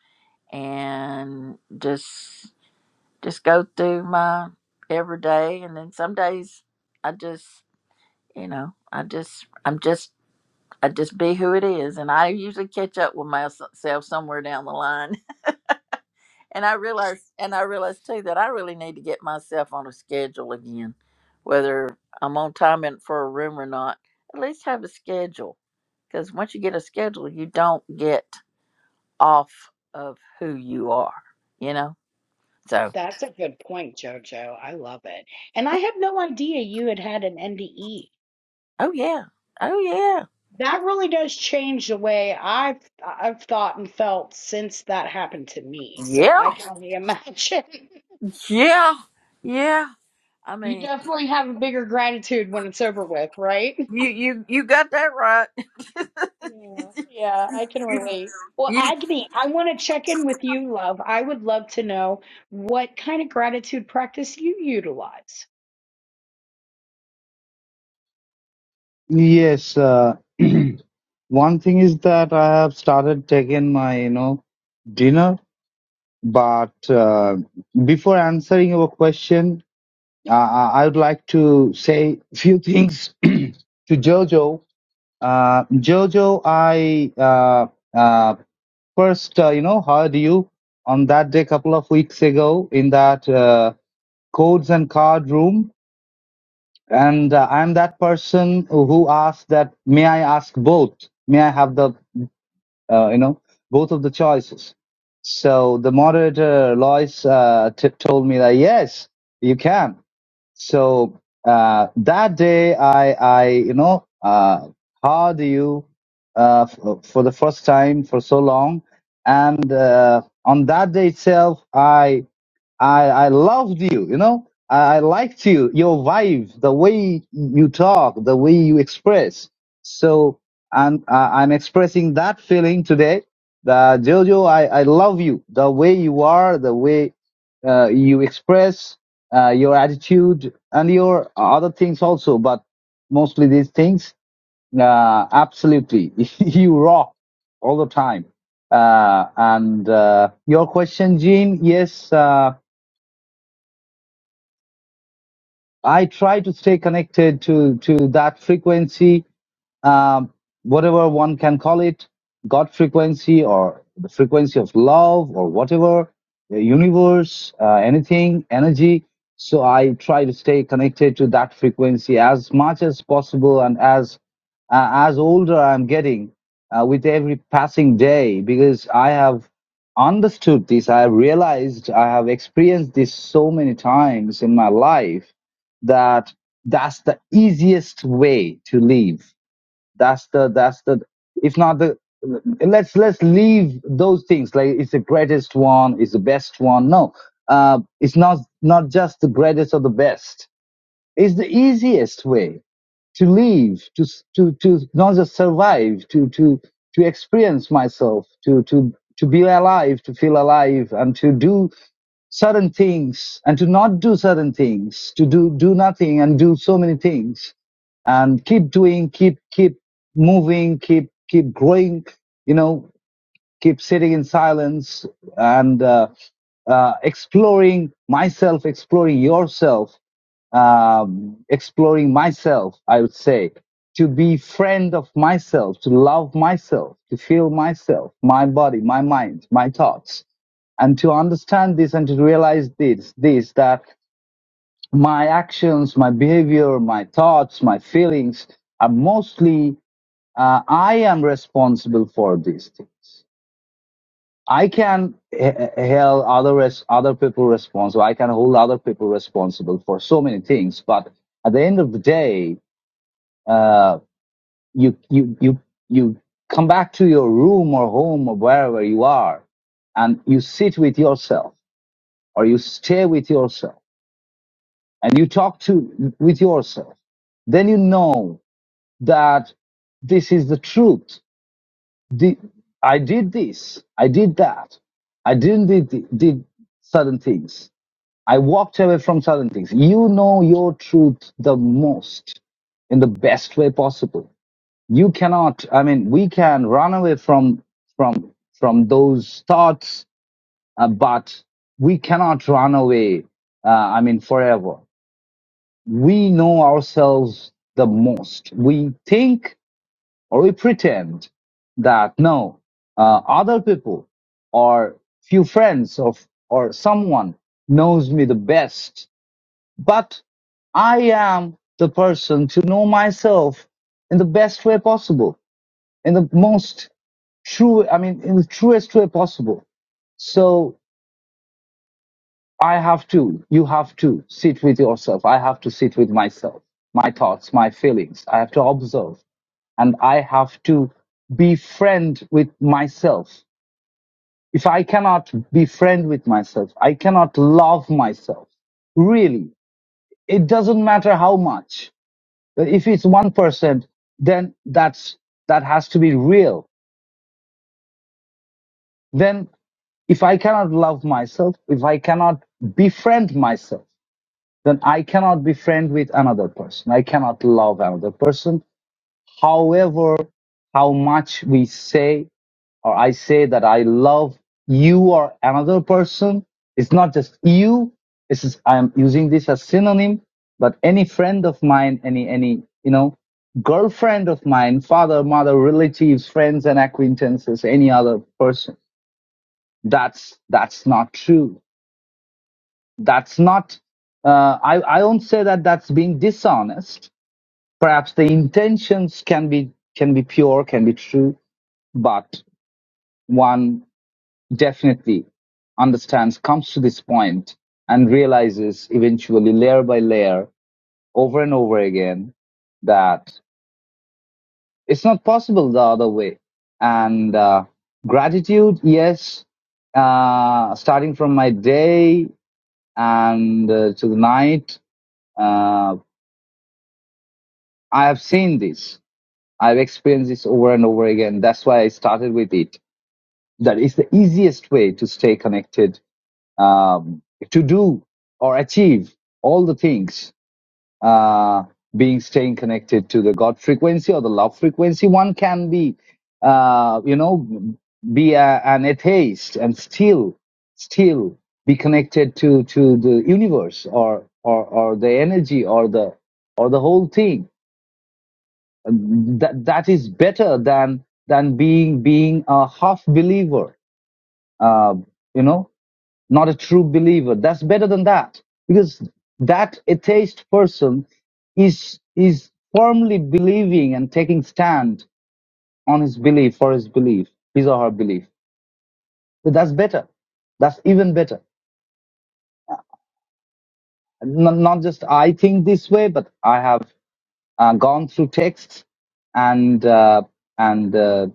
E: and just just go through my every day and then some days I just you know i just i'm just i just be who it is and i usually catch up with myself somewhere down the line and i realize and i realize too that i really need to get myself on a schedule again whether i'm on time in for a room or not at least have a schedule because once you get a schedule you don't get off of who you are you know so
A: That's a good point, Jojo. I love it. And I had no idea you had had an NDE.
E: oh yeah oh yeah
A: That really does change the way I've I've thought and felt since that happened to me. So
E: yeah
A: I can only imagine.
E: yeah yeah i
A: You
E: mean
A: definitely have a bigger gratitude when it's over with, right?
E: you you you got that right
A: Yeah, yeah, I can relate. Well,
E: You,
A: Agni, I want to check in with you, love. I would love to know what kind of gratitude practice you utilize.
F: Yes, uh, one thing is that I have started taking my, you know, dinner. But uh, before answering your question, uh, I I would like to say a few things to Jojo. Uh, Jojo, I uh, uh, first, uh, you know, heard you on that day a couple of weeks ago in that uh, codes and card room, and uh, I'm that person who asked that, may I ask both? May I have the, uh, you know, both of the choices? So the moderator Lois uh, t- told me that yes, you can. So uh, that day, I, I, you know, uh, heard you uh, f- for the first time for so long, and uh, on that day itself, I I I loved you, you know. I, I liked you, your vibe, the way you talk, the way you express. So and uh, I'm expressing that feeling today. That Jojo, I I love you, the way you are, the way uh, you express uh, your attitude and your other things also, but mostly these things. Uh, absolutely, you rock all the time. Uh, and uh, your question, Jean, yes. Uh, I try to stay connected to to that frequency um, whatever one can call it, God frequency or the frequency of love or whatever, the universe, uh, anything, energy. So I try to stay connected to that frequency as much as possible, and as uh, as older I'm getting uh, with every passing day, because I have understood this, I have realized, I have experienced this so many times in my life that that's the easiest way to live that's the that's the if not the let's let's leave those things like it's the greatest one, it's the best one. No, uh, it's not not just the greatest or the best. It's the easiest way to live, to to to not just survive, to to to experience myself, to to to be alive, to feel alive, and to do certain things and to not do certain things, to do, do nothing and do so many things and keep doing, keep, keep moving, keep, keep growing, you know, keep sitting in silence and, uh, uh, exploring myself, exploring yourself um, exploring myself, I would say, to be friend of myself, to love myself, to feel myself, my body, my mind, my thoughts, and to understand this and to realize this, this, that my actions, my behavior, my thoughts, my feelings are mostly, uh, I am responsible for these things. I can h- held other res- other people responsible. I can hold other people responsible for so many things. But at the end of the day, uh, you you you you come back to your room or home or wherever you are, and you sit with yourself or you stay with yourself and you talk to with yourself. Then you know that this is the truth. The, I did this. I did that. I didn't did, did certain things I walked away from certain things. You know your truth the most in the best way possible. You cannot, I mean, we can run away from, from, from those thoughts, uh, but we cannot run away, uh, I mean, forever. We know ourselves the most. We think or we pretend that no, uh, other people or few friends of, or someone knows me the best but I am the person to know myself in the best way possible, in the most true, I mean, in the truest way possible. So I have to, you have to sit with yourself. I have to sit with myself, my thoughts, my feelings. I have to observe and I have to befriend with myself. If I cannot befriend with myself, I cannot love myself. Really, it doesn't matter how much But if it's 1%, then that's, that has to be real. Then if I cannot love myself, if I cannot befriend myself, then I cannot befriend with another person. I cannot love another person. However, how much we say or I say that I love you or another person, it's not just you. This is I'm using this as synonym, but any friend of mine, any any you know girlfriend of mine, father, mother, relatives, friends and acquaintances, any other person. That's that's not true. That's not. Uh, I I won't say that that's being dishonest. Perhaps the intentions can be can be pure, can be true, but one definitely understands, comes to this point and realizes eventually layer by layer over and over again that it's not possible the other way. And uh, gratitude, yes, uh, starting from my day and uh, to the night, uh, I have seen this. I've experienced this over and over again. That's why I started with it. That is the easiest way to stay connected um, to do or achieve all the things uh, being staying connected to the god frequency or the love frequency one can be uh, you know be a, an atheist and still still be connected to to the universe or or or the energy or the or the whole thing that that is better than than being being a half believer uh, you know not a true believer. That's better than that because that atheist person is is firmly believing and taking stand on his belief for his belief, his or her belief. So that's better. That's even better. Not, not just I think this way, but I have uh, gone through texts and uh, and uh,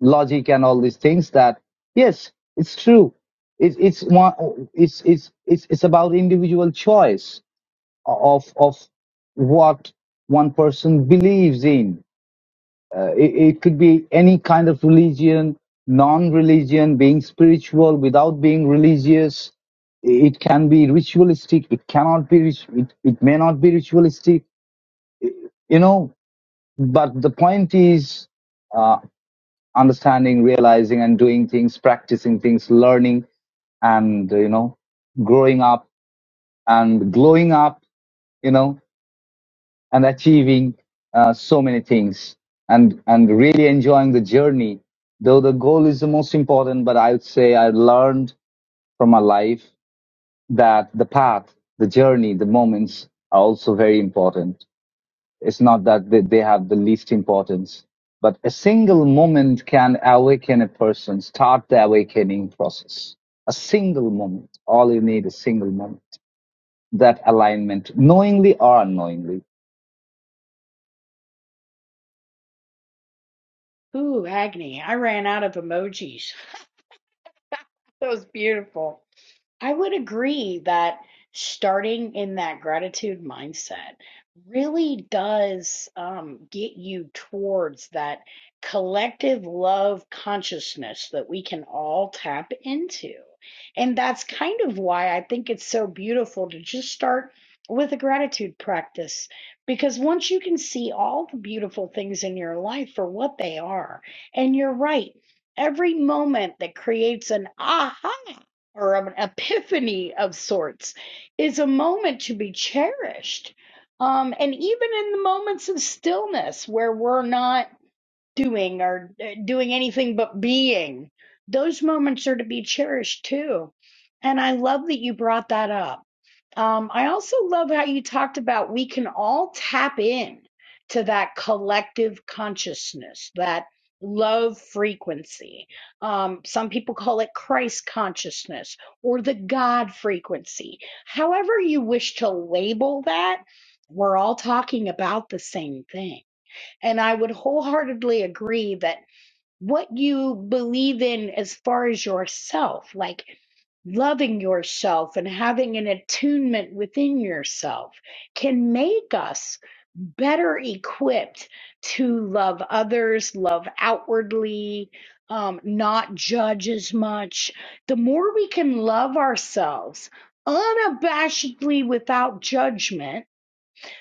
F: logic and all these things that yes, it's true. It's it's one. It's it's it's it's about individual choice of of what one person believes in. Uh, it, it could be any kind of religion, non-religion, being spiritual without being religious. It can be ritualistic. It cannot be. rit- It, it may not be ritualistic. You know. But the point is uh, understanding, realizing, and doing things, practicing things, learning, and you know, growing up and glowing up. You know and achieving uh, so many things and and really enjoying the journey though the goal is the most important but i would say i learned from my life that the path the journey the moments are also very important it's not that they, they have the least importance but a single moment can awaken a person start the awakening process a single moment all you need is a single moment that alignment knowingly or unknowingly
A: Ooh, Agni, I ran out of emojis. That was beautiful. I would agree that starting in that gratitude mindset really does um, get you towards that collective love consciousness that we can all tap into. And that's kind of why I think it's so beautiful to just start with a gratitude practice because once you can see all the beautiful things in your life for what they are, and you're right, every moment that creates an aha or an epiphany of sorts is a moment to be cherished. Um, and even in the moments of stillness where we're not doing or uh, doing anything but being, those moments are to be cherished too. And I love that you brought that up um, I also love how you talked about we can all tap in to that collective consciousness, that love frequency. Um, some people call it Christ consciousness or the God frequency. However, you wish to label that, we're all talking about the same thing. And I would wholeheartedly agree that what you believe in as far as yourself, like, loving yourself and having an attunement within yourself can make us better equipped to love others, love outwardly, um, not judge as much. The more we can love ourselves unabashedly without judgment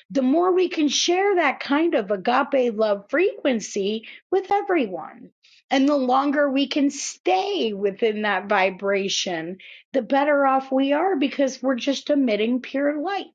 A: the more we can share that kind of agape love frequency with everyone. And the longer we can stay within that vibration, the better off we are because we're just emitting pure light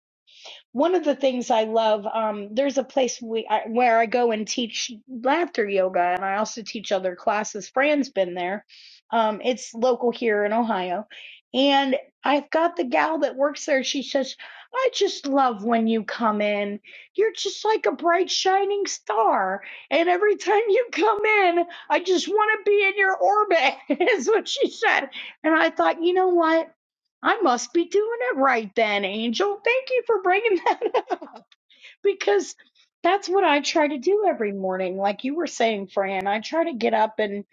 A: one of the things I love, um, there's a place we I, where I go and teach laughter yoga, and I also teach other classes. Fran's been there. Um, it's local here in Ohio, and I've got the gal that works there. She says, "I just love when you come in. You're just like a bright shining star, and every time you come in, I just want to be in your orbit." is what she said, and I thought, you know what? I must be doing it right then, Angel. Thank you for bringing that up because that's what I try to do every morning. Like you were saying, Fran, I try to get up and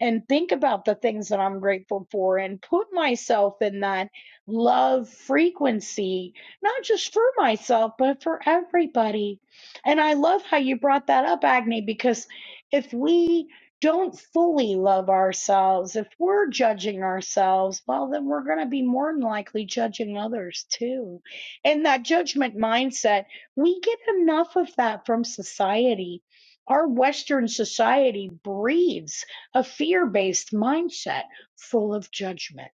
A: and think about the things that I'm grateful for and put myself in that love frequency, not just for myself, but for everybody. And I love how you brought that up, Agni, because if we don't fully love ourselves, if we're judging ourselves, well, then we're going to be more than likely judging others too. And that judgment mindset we get enough of that from society. Our Western society breeds a fear based mindset full of judgment.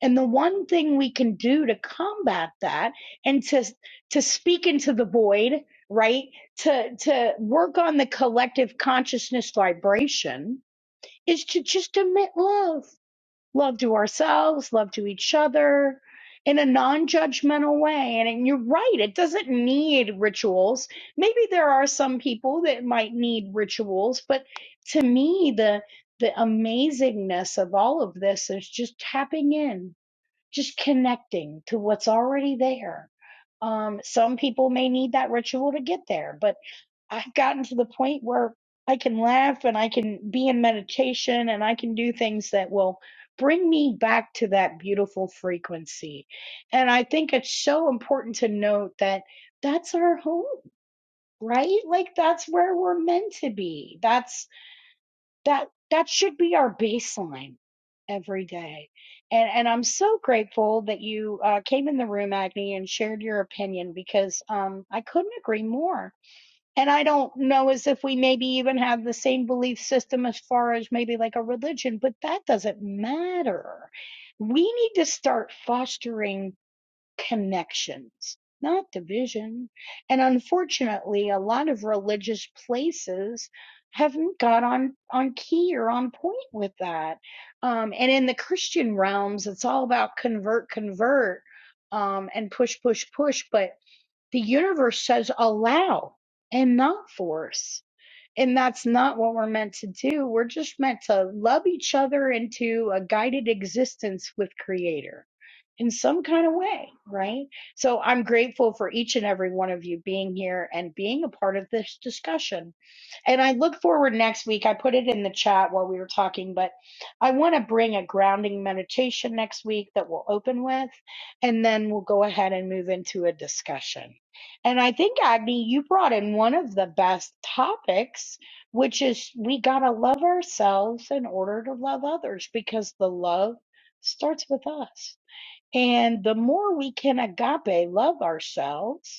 A: And the one thing we can do to combat that and to, to speak into the void, right? To, to work on the collective consciousness vibration is to just emit love love to ourselves, love to each other in a non judgmental way. And, and you're right, it doesn't need rituals. Maybe there are some people that might need rituals, but to me, the the amazingness of all of this is just tapping in just connecting to what's already there. Um, some people may need that ritual to get there, but I've gotten to the point where I can laugh and I can be in meditation and I can do things that will bring me back to that beautiful frequency. And I think it's so important to note that that's our home, right? Like that's where we're meant to be. That's that that should be our baseline every day and and i'm so grateful that you uh, came in the room agni and shared your opinion because um i couldn't agree more and i don't know as if we maybe even have the same belief system as far as maybe like a religion but that doesn't matter we need to start fostering connections, not division. And unfortunately, a lot of religious places haven't got on on key or on point with that. Um, and in the Christian realms, it's all about convert, convert, um, and push, push, push. But the universe says allow and not force. And that's not what we're meant to do. We're just meant to love each other into a guided existence with Creator in some kind of way, right? So I'm grateful for each and every one of you being here and being a part of this discussion. And I look forward next week. I put it in the chat while we were talking, but I want to bring a grounding meditation next week that we'll open with, and then we'll go ahead and move into a discussion. And I think, Agni, you brought in one of the best topics, which is we got to love ourselves in order to love others because the love starts with us and the more we can agape love ourselves,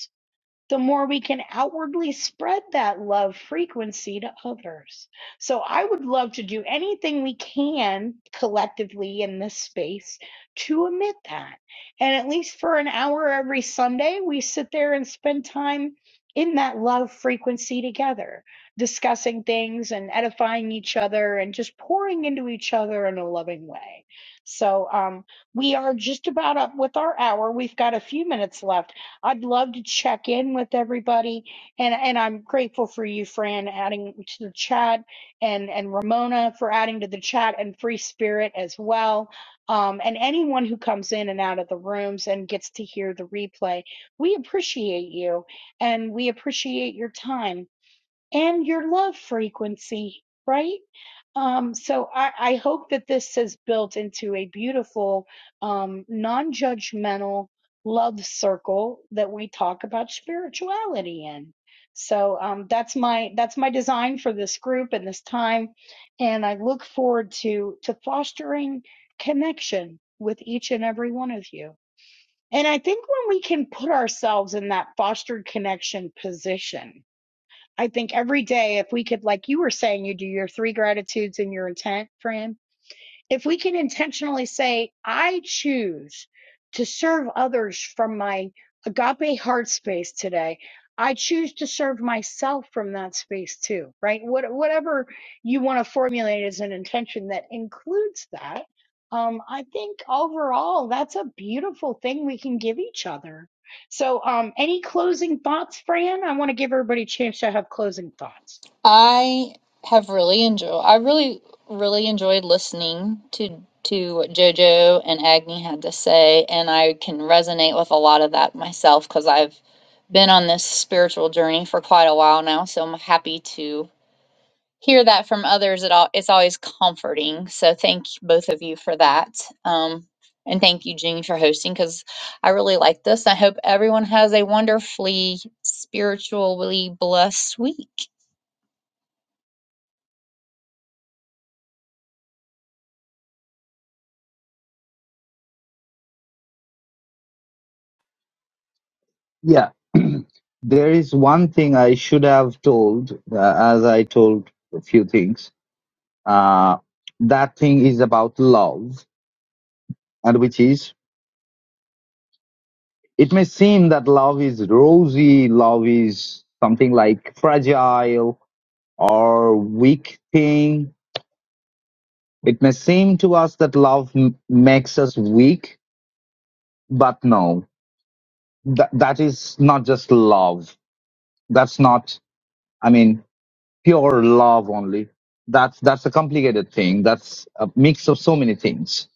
A: the more we can outwardly spread that love frequency to others. So I would love to do anything we can collectively in this space to emit that. And at least for an hour every Sunday, we sit there and spend time in that love frequency together, discussing things and edifying each other and just pouring into each other in a loving way. So um, we are just about up with our hour. We've got a few minutes left. I'd love to check in with everybody, and and I'm grateful for you, Fran, adding to the chat, and and Ramona for adding to the chat, and Free Spirit as well, um, and anyone who comes in and out of the rooms and gets to hear the replay. We appreciate you, and we appreciate your time and your love frequency, right? Um, so I, I hope that this has built into a beautiful, um, non judgmental love circle that we talk about spirituality in. So um, that's my that's my design for this group and this time, and I look forward to to fostering connection with each and every one of you. And I think when we can put ourselves in that fostered connection position, I think every day, if we could, like you were saying, you do your three gratitudes and your intent, Fran. If we can intentionally say, I choose to serve others from my agape heart space today. I choose to serve myself from that space too, right? What, whatever you want to formulate as an intention that includes that. Um, I think overall, that's a beautiful thing we can give each other so, um, any closing thoughts, Fran? I want to give everybody a chance to have closing thoughts.
B: I have really enjoyed, I really, really enjoyed listening to. To what JoJo and Agni had to say, and I can resonate with a lot of that myself because I've been on this spiritual journey for quite a while now. So I'm happy to hear that from others it all it's always comforting so thank both of you for that um, and thank you jean for hosting because i really like this i hope everyone has a wonderfully spiritually blessed week
F: Yeah, there is one thing I should have told, uh, as I told a few things. Uh, that thing is about love, and which is, it may seem that love is rosy, love is something like fragile or weak thing. It may seem to us that love m- makes us weak, but no, that that is not just love. That's not. I mean. pure love only. That's that's a complicated thing. That's a mix of so many things.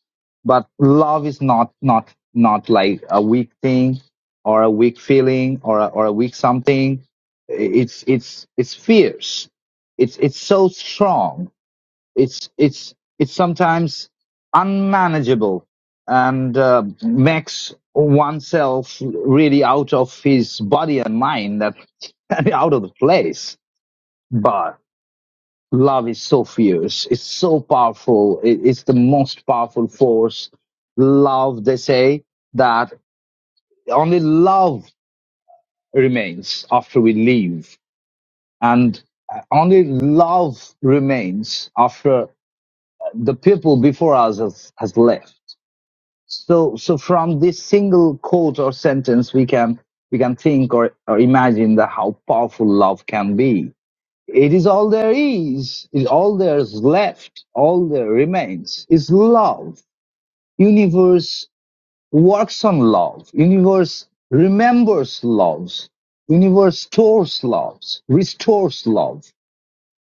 F: But love is not not not like a weak thing or a weak feeling or a, or a weak something. It's it's it's fierce. It's it's so strong. It's it's it's sometimes unmanageable and uh, makes oneself really out of his body and mind that out of the place love is so fierce it's so powerful it, it's the most powerful force love they say that only love remains after we leave and uh, only love remains after the people before us has, has left so so from this single quote or sentence we can we can think or, or imagine that how powerful love can be It is all there is, it, all there's left, all there remains is love. Universe works on love. Universe remembers loves. Universe stores loves, restores love.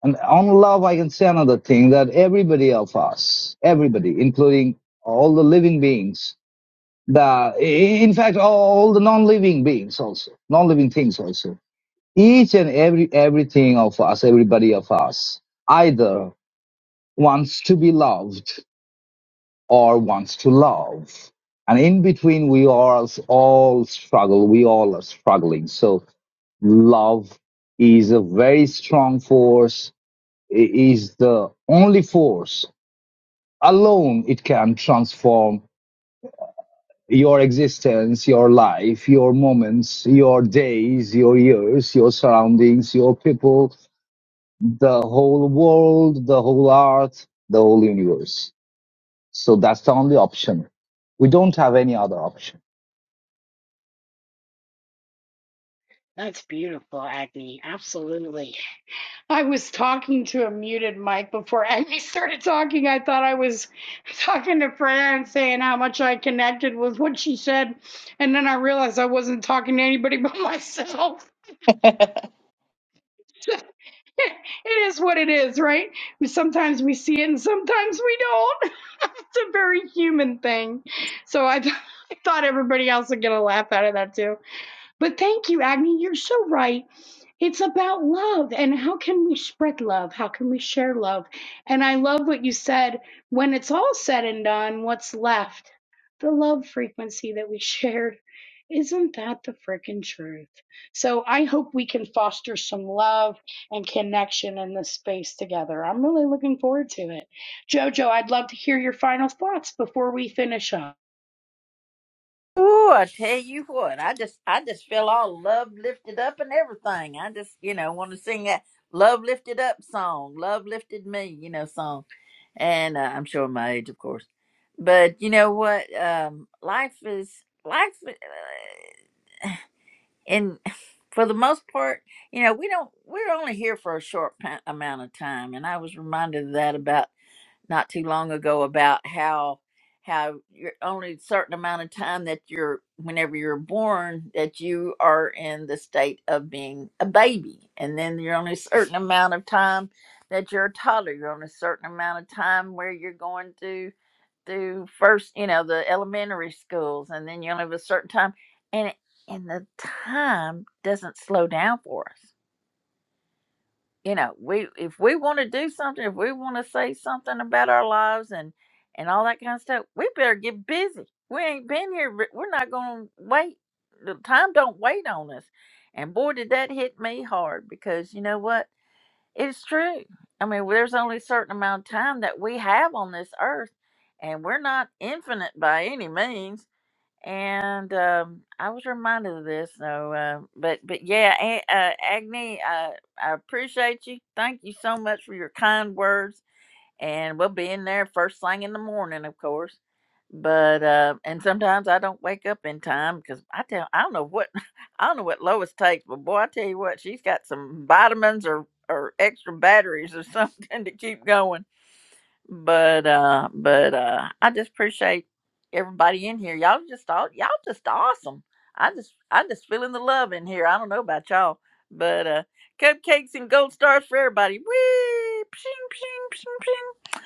F: And on love, I can say another thing that everybody of us, everybody, including all the living beings, the, in fact, all the non-living beings also, non-living things also, each and every everything of us, everybody of us, either wants to be loved or wants to love. And in between we all all struggle. We all are struggling. So love is a very strong force. It is the only force alone it can transform your existence, your life, your moments, your days, your years, your surroundings, your people, the whole world, the whole earth, the whole universe. So that's the only option. We don't have any other option.
A: That's beautiful, Agni. Absolutely. I was talking to a muted mic before Amy started talking. I thought I was talking to Freya and saying how much I connected with what she said. And then I realized I wasn't talking to anybody but myself. it is what it is, right? Sometimes we see it and sometimes we don't. it's a very human thing. So I, th- I thought everybody else would get a laugh out of that too. But thank you, Agni. You're so right. It's about love and how can we spread love? How can we share love? And I love what you said. When it's all said and done, what's left? The love frequency that we shared. Isn't that the frickin' truth? So I hope we can foster some love and connection in this space together. I'm really looking forward to it. Jojo, I'd love to hear your final thoughts before we finish up.
E: ooh, I tell you what, I just, I just feel all love lifted up and everything. I just, you know, want to sing that "Love Lifted Up" song, "Love Lifted Me," you know, song. And uh, I'm showing my age, of course, but you know what? Um, life is life, uh, and for the most part, you know, we don't. We're only here for a short pa- amount of time, and I was reminded of that about not too long ago about how how you're only a certain amount of time that you're whenever you're born that you are in the state of being a baby and then you're only a certain amount of time that you're a toddler you're on a certain amount of time where you're going to through first you know the elementary schools and then you only have a certain time and and the time doesn't slow down for us you know we if we want to do something if we want to say something about our lives and and all that kind of stuff we better get busy we ain't been here ve- we're not gonna wait the time don't wait on us and boy did that hit me hard because you know what it's true i mean well, there's only a certain amount of time that we have on this earth and we're not infinite by any means and um, I was reminded of this. So, uh, but but yeah, A- uh, Agni, uh, I appreciate you. Thank you so much for your kind words, and we'll be in there first thing in the morning, of course. But uh, and sometimes I don't wake up in time because I tell I don't know what I don't know what Lois takes, but boy, I tell you what, she's got some vitamins or or extra batteries or something to keep going but uh but uh I just appreciate everybody in here. Y'all just all y'all just awesome. I just I just feeling the love in here. I don't know about y'all. But uh cupcakes and gold stars for everybody. Whee! Pshing, pshing, pshing,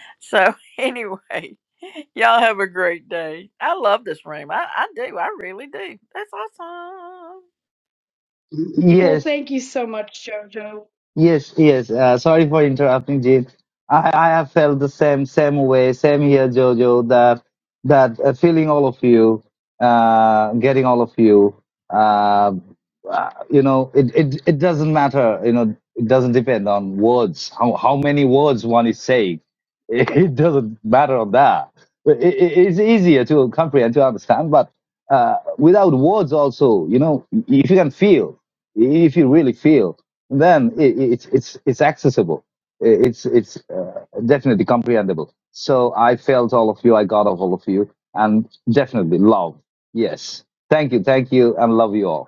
E: pshing. So anyway, y'all have a great day. I love this room. I, I do, I really do. That's awesome.
A: Well,
F: Yes,
A: thank you so much, Jojo.
F: Yes, yes. Uh, sorry for interrupting, Jim. I, I have felt the same same way, same here, Jojo. That that uh, feeling all of you, uh, getting all of you. Uh, uh, you know, it, it it doesn't matter. You know, it doesn't depend on words. How how many words one is saying, it, doesn't matter on that. It, it, it's easier to comprehend to understand, but uh, without words also, you know, if you can feel, if you really feel then i it's it's it's accessible it's it's uh, definitely comprehensible so i felt all of you i got of all of you and definitely love yes thank you thank you and love you all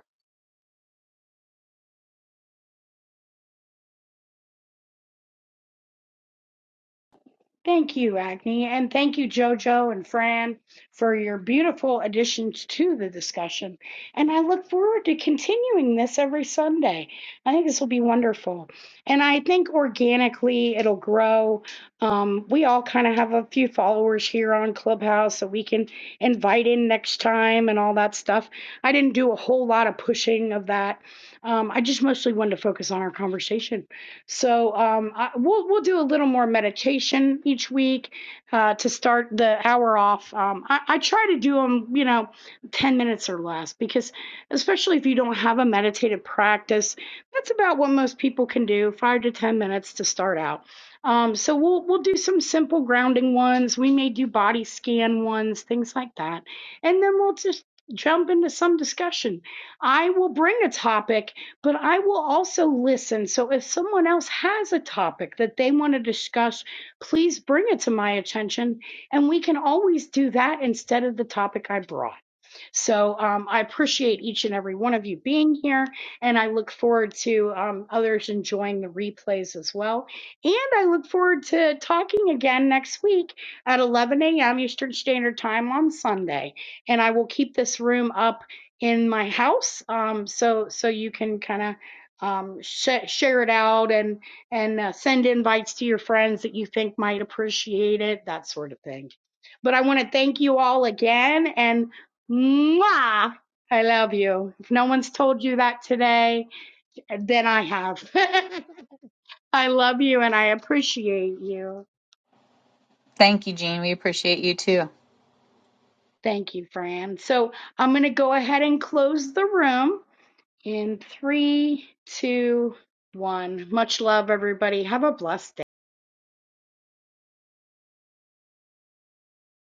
A: Thank you, Agni, and thank you, Jojo and Fran, for your beautiful additions to the discussion. And I look forward to continuing this every Sunday. I think this will be wonderful. And I think organically it'll grow. Um, we all kind of have a few followers here on Clubhouse that we can invite in next time and all that stuff. I didn't do a whole lot of pushing of that. Um, I just mostly wanted to focus on our conversation so um, I, we'll we'll do a little more meditation each week uh, to start the hour off. Um, I, I try to do them, you know, ten minutes or less because, especially if you don't have a meditative practice, that's about what most people can do, five to ten minutes to start out. Um, so we'll we'll do some simple grounding ones. We may do body scan ones, things like that, and then we'll just jump into some discussion. I will bring a topic but I will also listen. So if someone else has a topic that they want to discuss, please bring it to my attention. And we can always do that instead of the topic I brought. So um, I appreciate each and every one of you being here, and I look forward to um, others enjoying the replays as well. And I look forward to talking again next week at 11 a.m. Eastern Standard Time on Sunday. And I will keep this room up in my house, um, so so you can kind of um, sh- share it out and and uh, send invites to your friends that you think might appreciate it, that sort of thing. But I want to thank you all again and Mwah! I love you. If no one's told you that today, then I have. I love you and I appreciate you.
B: thank you jean we appreciate you too
A: Thank you, Fran. So I'm going to go ahead and close the room in three, two, one. Much love, everybody. Have a blessed day.